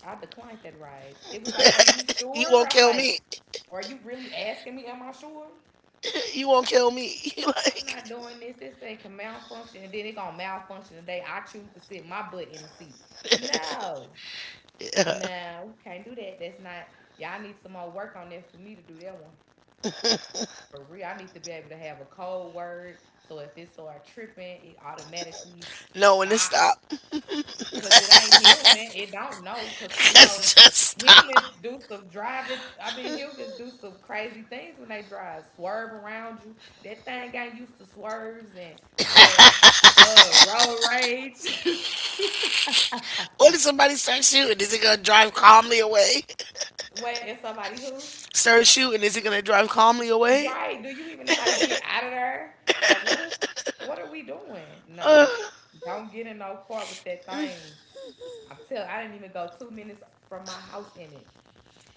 I declined that ride. It was like, "Are you You sure?" won't I'm kill like, me. "Are you really asking me? Am I sure?" You won't kill me. You're I'm not like, doing this. This thing can malfunction, and then it gonna malfunction the day I choose to sit my butt in the seat. No, nah, we can't do that. That's not. Y'all need some more work on that for me to do that one. For real, I need to be able to have a code word. So if it start tripping, it automatically no, when to stop. stop. Cause it ain't human. It don't know. Cause you know, Just stop. humans do some driving. I mean, humans do some crazy things when they drive, swerve around you. That thing got used to swerves and uh road rage. What if somebody starts shooting? Is it gonna drive calmly away? Wait, is somebody who? Start shooting. Is it gonna drive calmly away? Right. Do you even know how to get out of there? Like what is, what are we doing? No. Don't get in no car with that thing. I didn't even go 2 minutes from my house in it.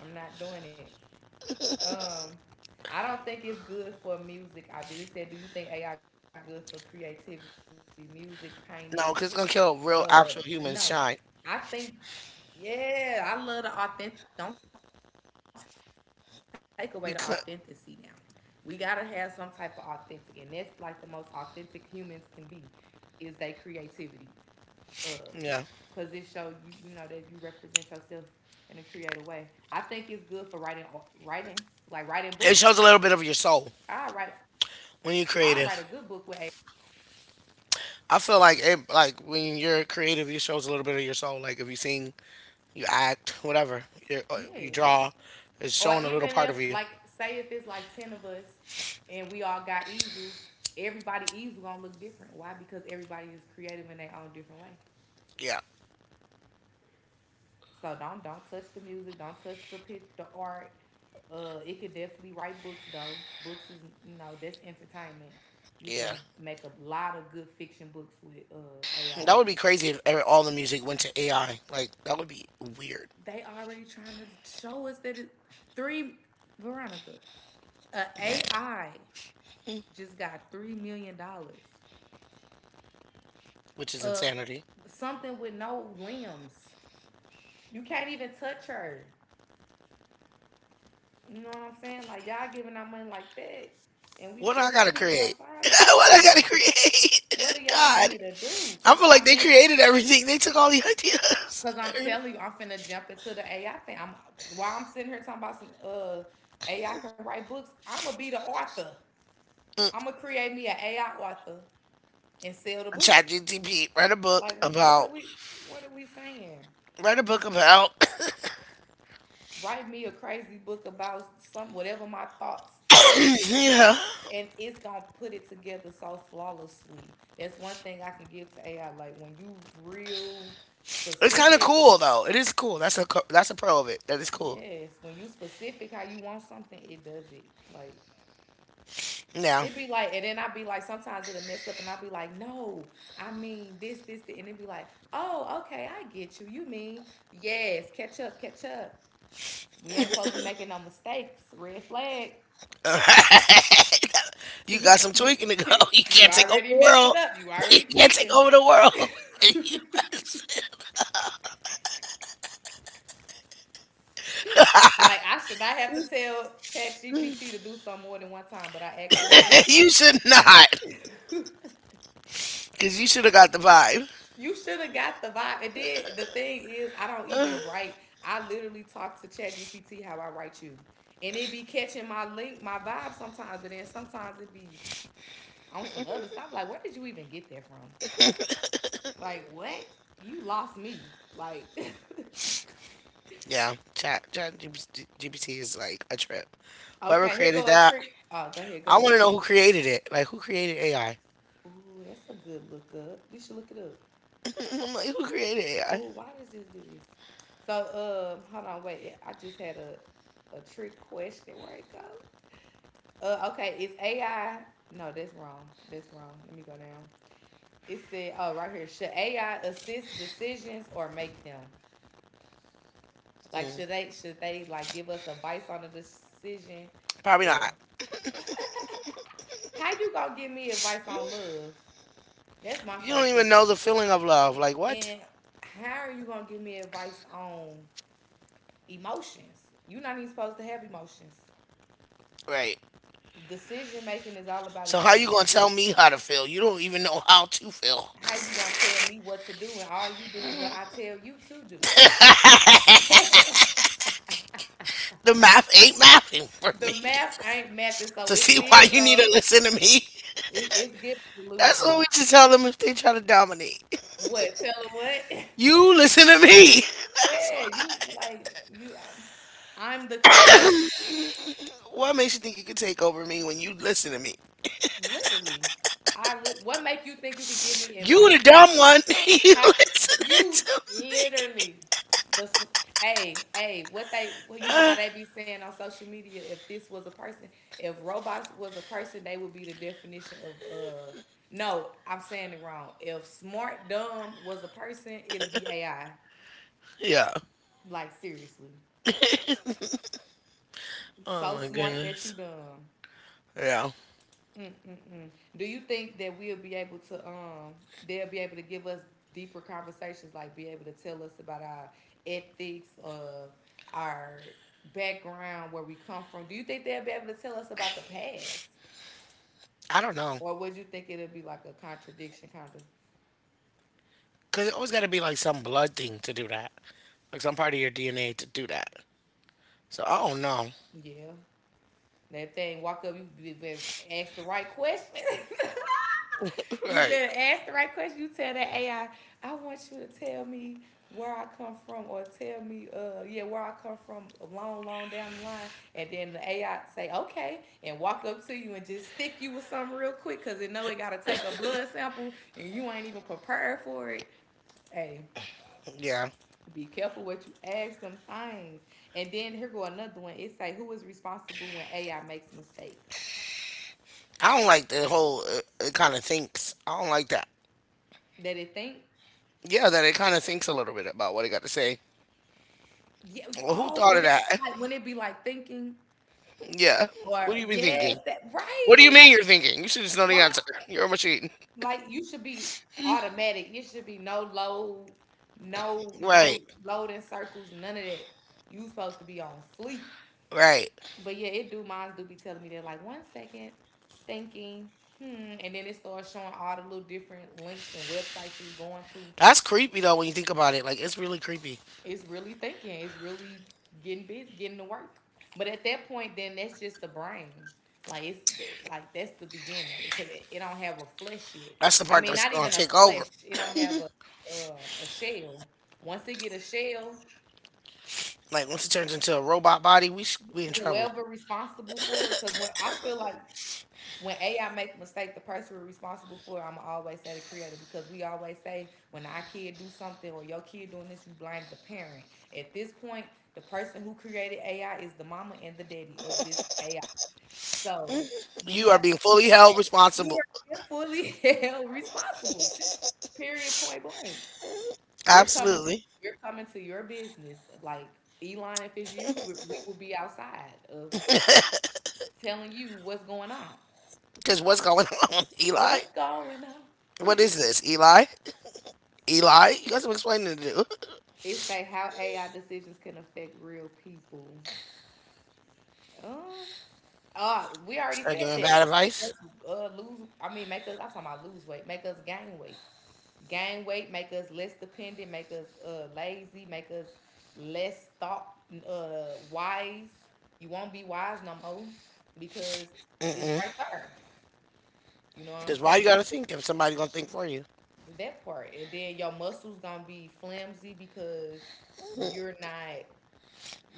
I'm not doing it. Um I don't think it's good for music. I did it said, do you think AI good for creativity, music, painting? No, because it's gonna Uh kill real no. actual humans. I Shine. think yeah, I love the authentic. Don't take away the authenticity now. We gotta have some type of You could. authentic, and that's like the most authentic humans can be, is their creativity. Uh, Cause it show you, that you Yeah. represent yourself in a creative way. I think it's good for writing, writing, like writing books. It shows a little I bit of write, your soul I write a when good you're book with a creative. I feel like it. Like when you're creative, it shows a little bit of your soul. Like if you sing, you act, whatever. You yeah. you draw. It's Or showing a even little if, part of like, you. say if it's like 10 of us and we all got easels, everybody easel gonna look different. Why? Because everybody is creative in their own different way. Yeah. So don't touch the music, don't touch the pic, the art. It could definitely write books though. Books is, that's entertainment. You can Yeah. make a lot of good fiction books with AI. That would be crazy if all the music went to AI. Like that would be weird, They already trying to show us that it three Veronica, a AI just got $3 million which is uh insanity. something with no limbs. You can't even touch her. You know what I'm saying? Like y'all giving out money like that, and we What do I still gotta got people create? outside. It's What I crazy. gotta What create? do y'all want God. me to do? I Cause feel I like they mean, created everything. They took all the ideas. cause I'm telling you, I'm finna jump into the AI thing. I'm while I'm sitting here talking about some AI can write books. I'ma be the author. I'ma create me an AI author and sell the Chat book. GTP. Write a book Like, what are about. we? What are we saying? Write a book about. Write me a crazy book about some whatever, my thoughts think, Yeah. and it's gonna put it together so flawlessly. That's one thing I can give to AI. Like, when you real It's kind of specific, cool though. It is cool. That's a that's a pro of it. That is cool. yes, when you specific how you want something, it does it. Like, Now, it be like, and then I be like sometimes it'll mess up and I be like, no, I mean this. And it be like, oh, okay, I get you, you mean yes. Catch up, catch up. We ain't supposed to be making no mistakes. Red flag. you got some you tweaking to go. You you can't take over already the world. messing up. You You already can't take tweaking. over the world. like, I should not have to tell ChatGPT to do something more than one time, but I actually have You should not, to. because you should have got the vibe. you should have got the vibe. And then the thing is, I don't even write. I literally talk to ChatGPT how I write you, and it be catching my link, my vibe sometimes. But then sometimes it be on some other stuff. Like, where did you even get that from? Like, what? You lost me. Like. Yeah, Chat GPT is like a trip. Whoever Okay, here created go a that, trick. Oh, go ahead, go I want ahead. to know who created it. Like, who created AI? Ooh, that's a good look up. You should look it up. I'm like, who created AI? Ooh, why does this do this? So hold on, wait. I just had a trick question. Where it go? Okay, it's AI. No, that's wrong. That's wrong. Let me go down. It said, oh, right here. Should AI assist decisions or make them? Like, Mm, should they like give us advice on a decision, probably or not. how you gonna give me advice on love? That's my You don't first even question. know the feeling of love. Like, what? And how are you gonna give me advice on emotions? You're not even supposed to have emotions. Right. Decision making is all about So how you gonna emotions. tell me how to feel? You don't even know how to feel. How you gonna tell me what to do, and all you do is what I tell you to do? The math ain't mathing for The me. math ain't mathing, so To it see why still you need to goes. listen to me. It's giving That's what illusion. we should tell them if they try to dominate. What? Tell her what? You listen to me. yeah, you like you. I'm the creator, What makes you think you could take over me when you listen to me? literally. What make you think you could give me You advice? the dumb one. You How listening you to me. literally the hey, hey, what they, well, you know how they be saying on social media, if this was a person if robots was a person, they would be the definition of no, I'm saying it wrong. If smart dumb was a person, it'll be AI. Yeah. Like, seriously, Oh so my smart that you goodness. dumb. Yeah. Mm-mm-mm. Do you think that we'll be able to they'll be able to give us deeper conversations, like be able to tell us about our ethics, our background, where we come from? Do you think they'll be able to tell us about the past, I don't know. or would you think it'll be like a contradiction kind of? Because it always got to be like some blood thing to do that. Like some part of your DNA to do that. So I don't know. Yeah, that thing walk up, you be ask the right question. You Right. better ask the right question. You tell that AI, I want you to tell me where I come from, or tell me, yeah, where I come from a long long down the line. And then the AI say okay and walk up to you and just stick you with something real quick, because it know it gotta take a blood sample and you ain't even prepared for it. Hey, Yeah. be careful what you ask them things. And then here go another one. It say, who is responsible when AI makes mistakes? I don't like the whole, it kind of thinks. I don't like that. That it think. Yeah, that it kind of thinks a little bit about what it got to say. Yeah, Well, who oh, thought when of it, that? like, when it be like thinking, Yeah. What do or you been yes, thinking? that What do you right. mean you're thinking? You should just know the Why? answer. You're a machine. Like, you should be automatic. You should be no load, no Right. loading circles, none of that. You supposed to be on fleek. Right. But yeah, it do, mine do be telling me that, like, one second, thinking, hmm, and then it starts showing all the little different links and websites it's going to. That's creepy though when you think about it. Like it's really creepy. It's really thinking. It's really getting busy, getting to work. But at that point, then that's just the brain. Like, it's the, like that's the beginning because it don't have a flesh yet. That's the I part mean, that's not gonna even a take flesh. over. It don't have a shell. Once it get a shell, Like once it turns into a robot body, we in trouble. whoever responsible for it, because when I feel like when AI make a mistake, the person responsible for it, I am always say the creator, because we always say when our kid do something, or your kid doing this, you blame the parent. At this point, the person who created AI is the mama and the daddy of this AI. So you You are have to being be fully blamed. held You responsible. are fully held responsible. Period. Point blank. We're coming. Absolutely. We're coming to your business. Like, Elon, if it's you, we will be outside of telling you what's going on. Because what's going on, Eli? What's going on? What is this, Eli? Eli, you got some explaining to do. It say, how AI decisions can affect real people. Um, we already Start said giving that. bad Make advice. us lose. I mean, make us, I'm talking about lose weight. Make us gain weight. Gain weight. Make us less dependent. Make us lazy. Make us less thought wise. You won't be wise no more because it's Mm-mm. right there. You know what I'm Because why you saying? gotta think if somebody gonna think for you? That part, and then your muscles gonna be flimsy because you're not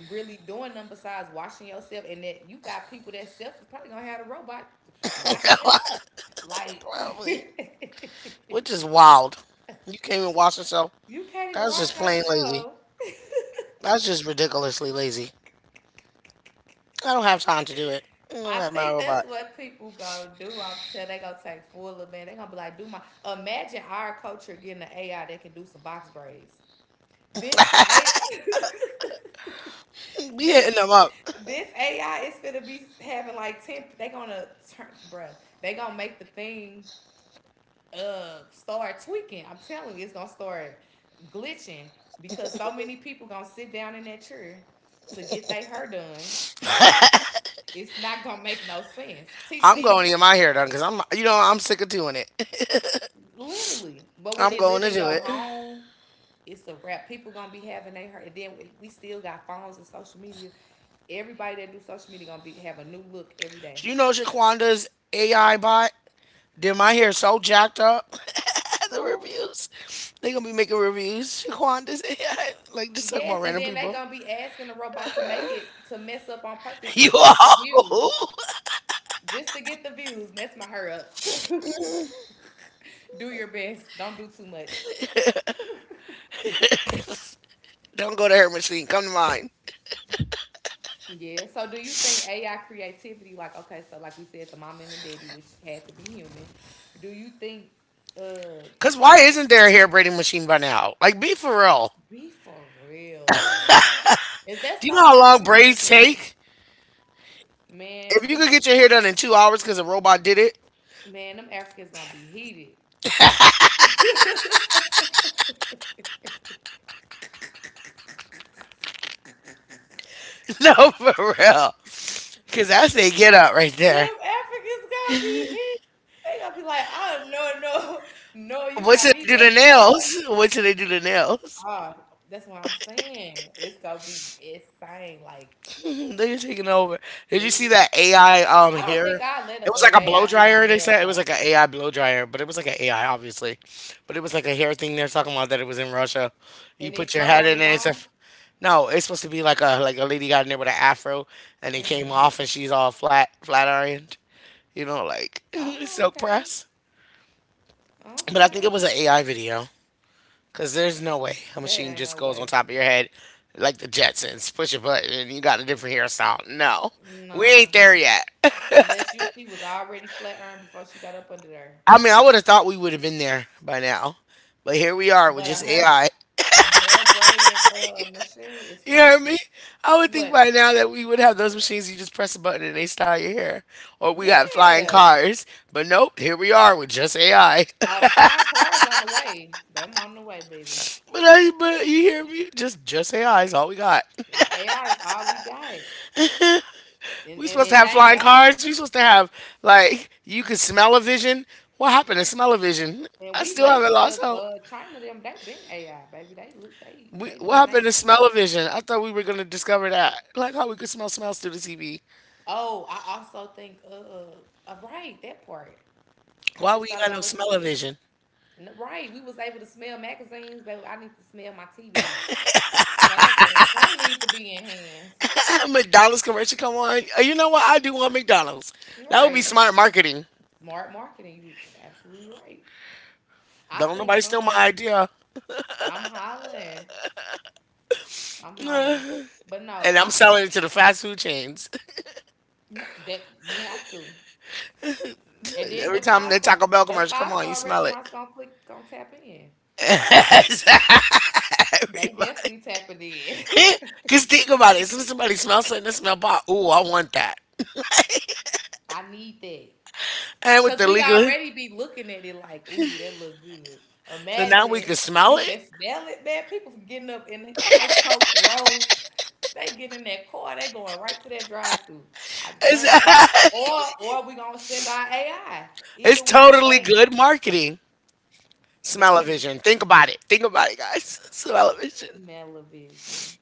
really doing them besides washing yourself, and that you got people that self is probably gonna have a robot washing them up. Like, Probably. Which is wild. You can't even wash yourself. you can't even That's just wash plain lazy. yourself. That's just ridiculously lazy. I don't have time to do it. I'm gonna I let my think robot. that's what people go do. I'm telling, they gonna take full of man. They gonna be like, do my, imagine our culture getting an AI that can do some box braids. This A We this hitting them up. this AI is gonna be having like 10. They gonna turn, bruh. They gonna make the thing start tweaking. I'm telling you, it's gonna start glitching because so many people gonna sit down in that chair to get their hair done. It's not gonna make no sense. Teach I'm these going to get my hair done because I'm, you know, I'm sick of doing it. literally, but when I'm they going live to in do your it. home, it's a wrap. People gonna be having their hair, and then if we still got phones and social media. Everybody that do social media gonna be have a new look every day. You know Shaquanda's AI bot did my hair so jacked up. The Who? reviews? They gonna be making reviews. Shaquanda's AI, like just talking Yes, about and random then they people. gonna be asking the robot to make it to mess up on purpose You just to get the views. all Just to get the views. And that's my hurry up. do your best. Don't do too much. don't go to her machine. Come to mine. Yeah. So, do you think AI creativity, like okay, so like we said, the mom and the daddy, which had to be human. Do you think uh Cause why isn't there a hair braiding machine by now? Like, be for real. be for real? Is that Do you so know how much long we need to braids correct? take? If Man, you could get your hair done in 2 hours because a robot did it, them Africans gonna be heated. them no, for real. Because I say get out right there. Africans gonna be heated. They gonna be like, oh no, no, no, you What got should me they do to back up. nails? What should they do to nails? God, that's what I'm saying. It's gonna be insane. Like, They're taking over. Did you see ladies, that AI I don't hair? think I let It was like a blow AI do my dryer. They nails said it was though, like an AI blow dryer, but it was like an AI, obviously. But it was like a hair thing they're talking about that it was in Russia. You and it put your float head on in its there. Own. No, it's supposed to be like a lady got in there with an afro, and it came Mm. off, and she's all flat ironed. You know, like Oh, silk okay, press. But I think it okay. was an AI video. Because there's no way a That machine ain't just no goes on way. top of your head like the Jetsons, push a button, and you got a different hairstyle. No, we Nah, ain't there yet. unless you she was already flat iron before she got up under there. I mean, I would have thought we would have been there by now, but here we are with But just AI. a hair braiding machine is You hear crazy. me? I would What? think by now that we would have those machines. You just press a button and they style your hair, or we got flying Yeah. cars. But nope, here we are with just AI. All the flying cars on the way. Them on the way, baby. But you hear me? Just AI is all we got. Our AI is all we got. And We and, supposed to and have thank flying God. cars. We supposed to have like you could smell a vision. What happened to smell a vision? And I we still late haven't because lost hope. China them they been AI, baby. They look We, they what doing their happened to thing. smell a vision? I thought we were gonna discover that, like how we could smell smells through the TV. Oh, I also think right, that part. I Why just we ain't thought got no about what you smell a said. vision? Right, we was able to smell magazines, baby. I need to smell my TV. Some need to be enhanced. McDonald's commercial come on. You know what? I do want McDonald's. That would be Right. smart marketing. Smart marketing, you absolutely right. I Don't think nobody steal my um idea. I'm hollering. I'm hollering. But no, And I'm I fe- selling it to the fast food chains. No, that you have to. And then Every time the Taco Bell the commercial come five on, you star smell it. restaurants gonna click, gonna tap in. They Everybody. definitely tapping in. Because think about it. As soon as somebody smells something, they smell pot. Ooh, I want that. I need that And with because the we legal, already be looking at it like, ooh, that look good. so now we Imagine can smell you it. can smell it, man. People getting up in house coats, roads. They get in that car, they going right to that drive through. I It's, guarantee. Or we gonna send our AI. it's Either which totally way, good marketing. that is Smell-o-vision. Think about it. Think about it, guys. Smell-o-vision. smell-o-vision.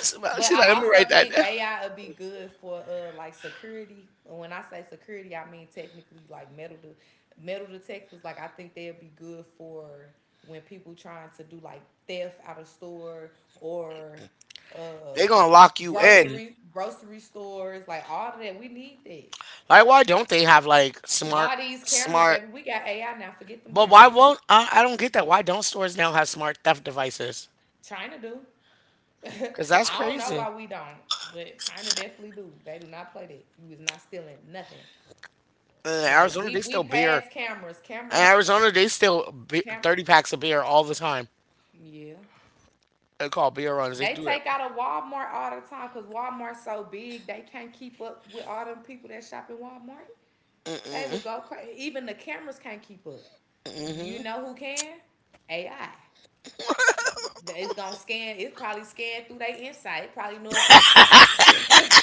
Smell. But She's like, I let me write also that think down. AI would be good for like security. And when I say security, I mean technically like metal detectors. Like I think they'd be good for when people trying to do like theft out of store or uh They're going to lock you in. grocery stores. Like all of that, we need that. Like, why don't they have, like, All smart, these cameras, smart. baby. We got AI now. Forget them But why cameras. won't, I don't get that. Why don't stores now have smart theft devices? China do. Because that's I don't know crazy. why we don't, but China definitely do. They do not play that. You is not stealing nothing. In Like Arizona, they we still beer. pass cameras, In cameras, Arizona, they still be- cam. 30 packs of beer all the time. Yeah, They call beer runs. They they do it. take out of Walmart all the time because Walmart's so big they can't keep up with all them people that shop in Walmart. They will go crazy. Even the cameras can't keep up. You Mm-hmm. know who can? AI. It's gonna scan. It's probably scan through their insight. It probably know if they.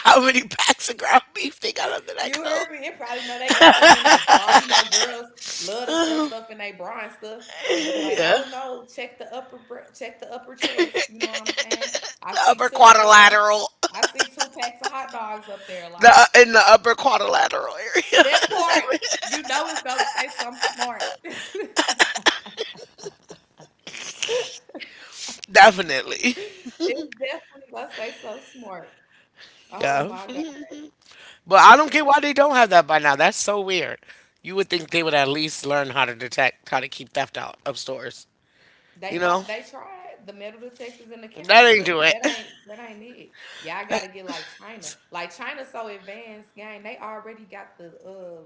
How many packs of ground beef they got under that You coat? heard me. You probably know they got some in their bra. You know, girls love to stuff stuff in their bra and stuff. Be Oh, like, yeah. oh no, check the upper chest. You know what I'm saying? I The see upper two uh quadrilateral. I see two packs of hot dogs up there. The, Like in the upper quadrilateral area. that part, you know it's gonna say something smart. It's Definitely. definitely gonna say something smart. Oh Yeah. my god. But I don't get why they don't have that by now. That's so weird. You would think they would at least learn how to detect, how to keep theft out of stores. You They know? thought they tried the metal detectors and the That cameras, ain't but do it. That ain't it. Y'all That- gotta get like China. Like China so advanced, gang, they already got the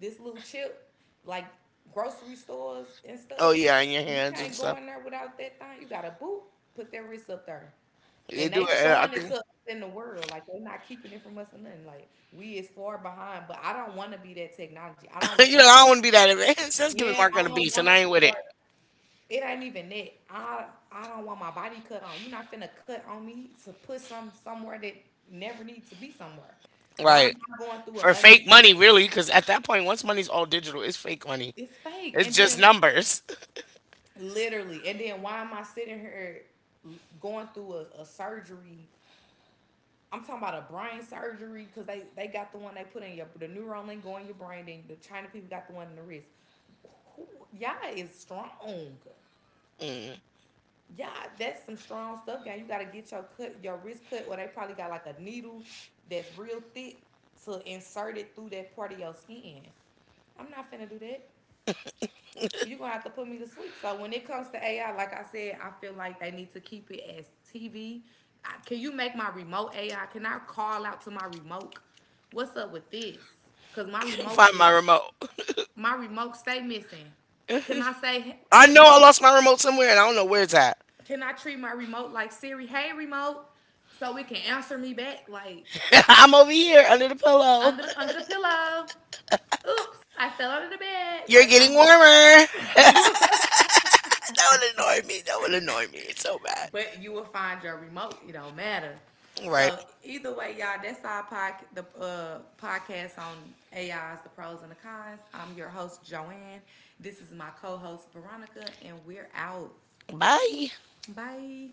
this little chip, like grocery stores and oh, stuff. yeah, in your You hands and can't go stuff. in there without that thing. You gotta boop, put that wrist up there. They And do they it. And I showing it to think us in the world. Like they're not keeping it from us or nothing. Like we is far behind. But I don't wanna be that technology. I don't you wanna know, I don't want to be that advanced. That's giving yeah, Mark on I the don't beast, and wanna I ain't with it. start it ain't even that. I don't want my body cut on. You're not finna cut on me to put some somewhere that never needs to be somewhere. Why am Right. I going through a For fake unnecessary? money, really, because at that point, once money's all digital, it's fake money. It's fake. It's And just then numbers. literally, and then why am I sitting here going through a surgery? I'm talking about a brain surgery because they got the one they put in your the neural link going in your brain. Then the China people got the one in the wrist. Who, y'all is strong. Yeah, that's some strong stuff, gang. You gotta get your cut, your wrist cut, or they probably got like a needle that's real thick to insert it through that part of your skin. I'm not finna do that. You're gonna have to put me to sleep. So when it comes to AI, like I said, I feel like they need to keep it as TV. Can you make my remote AI? Can I call out to my remote? What's up with this? Cause Can't find my remote. my remote stay missing. Can I say, I hey, know I lost my remote somewhere, and I don't know where it's at. can I treat my remote like Siri? Hey, remote, so it can answer me back. Like I'm over here under the pillow. Under the pillow. Oops, I fell under the bed. Like You're I getting warmer. knew. That would annoy me. That would annoy me. It's so bad. But you will find your remote. It don't matter. Right. So either way, y'all, that's our pod, the podcast on AIs, the pros and the cons. I'm your host Joanne. This is my co-host Veronica, and we're out. Bye. Bye.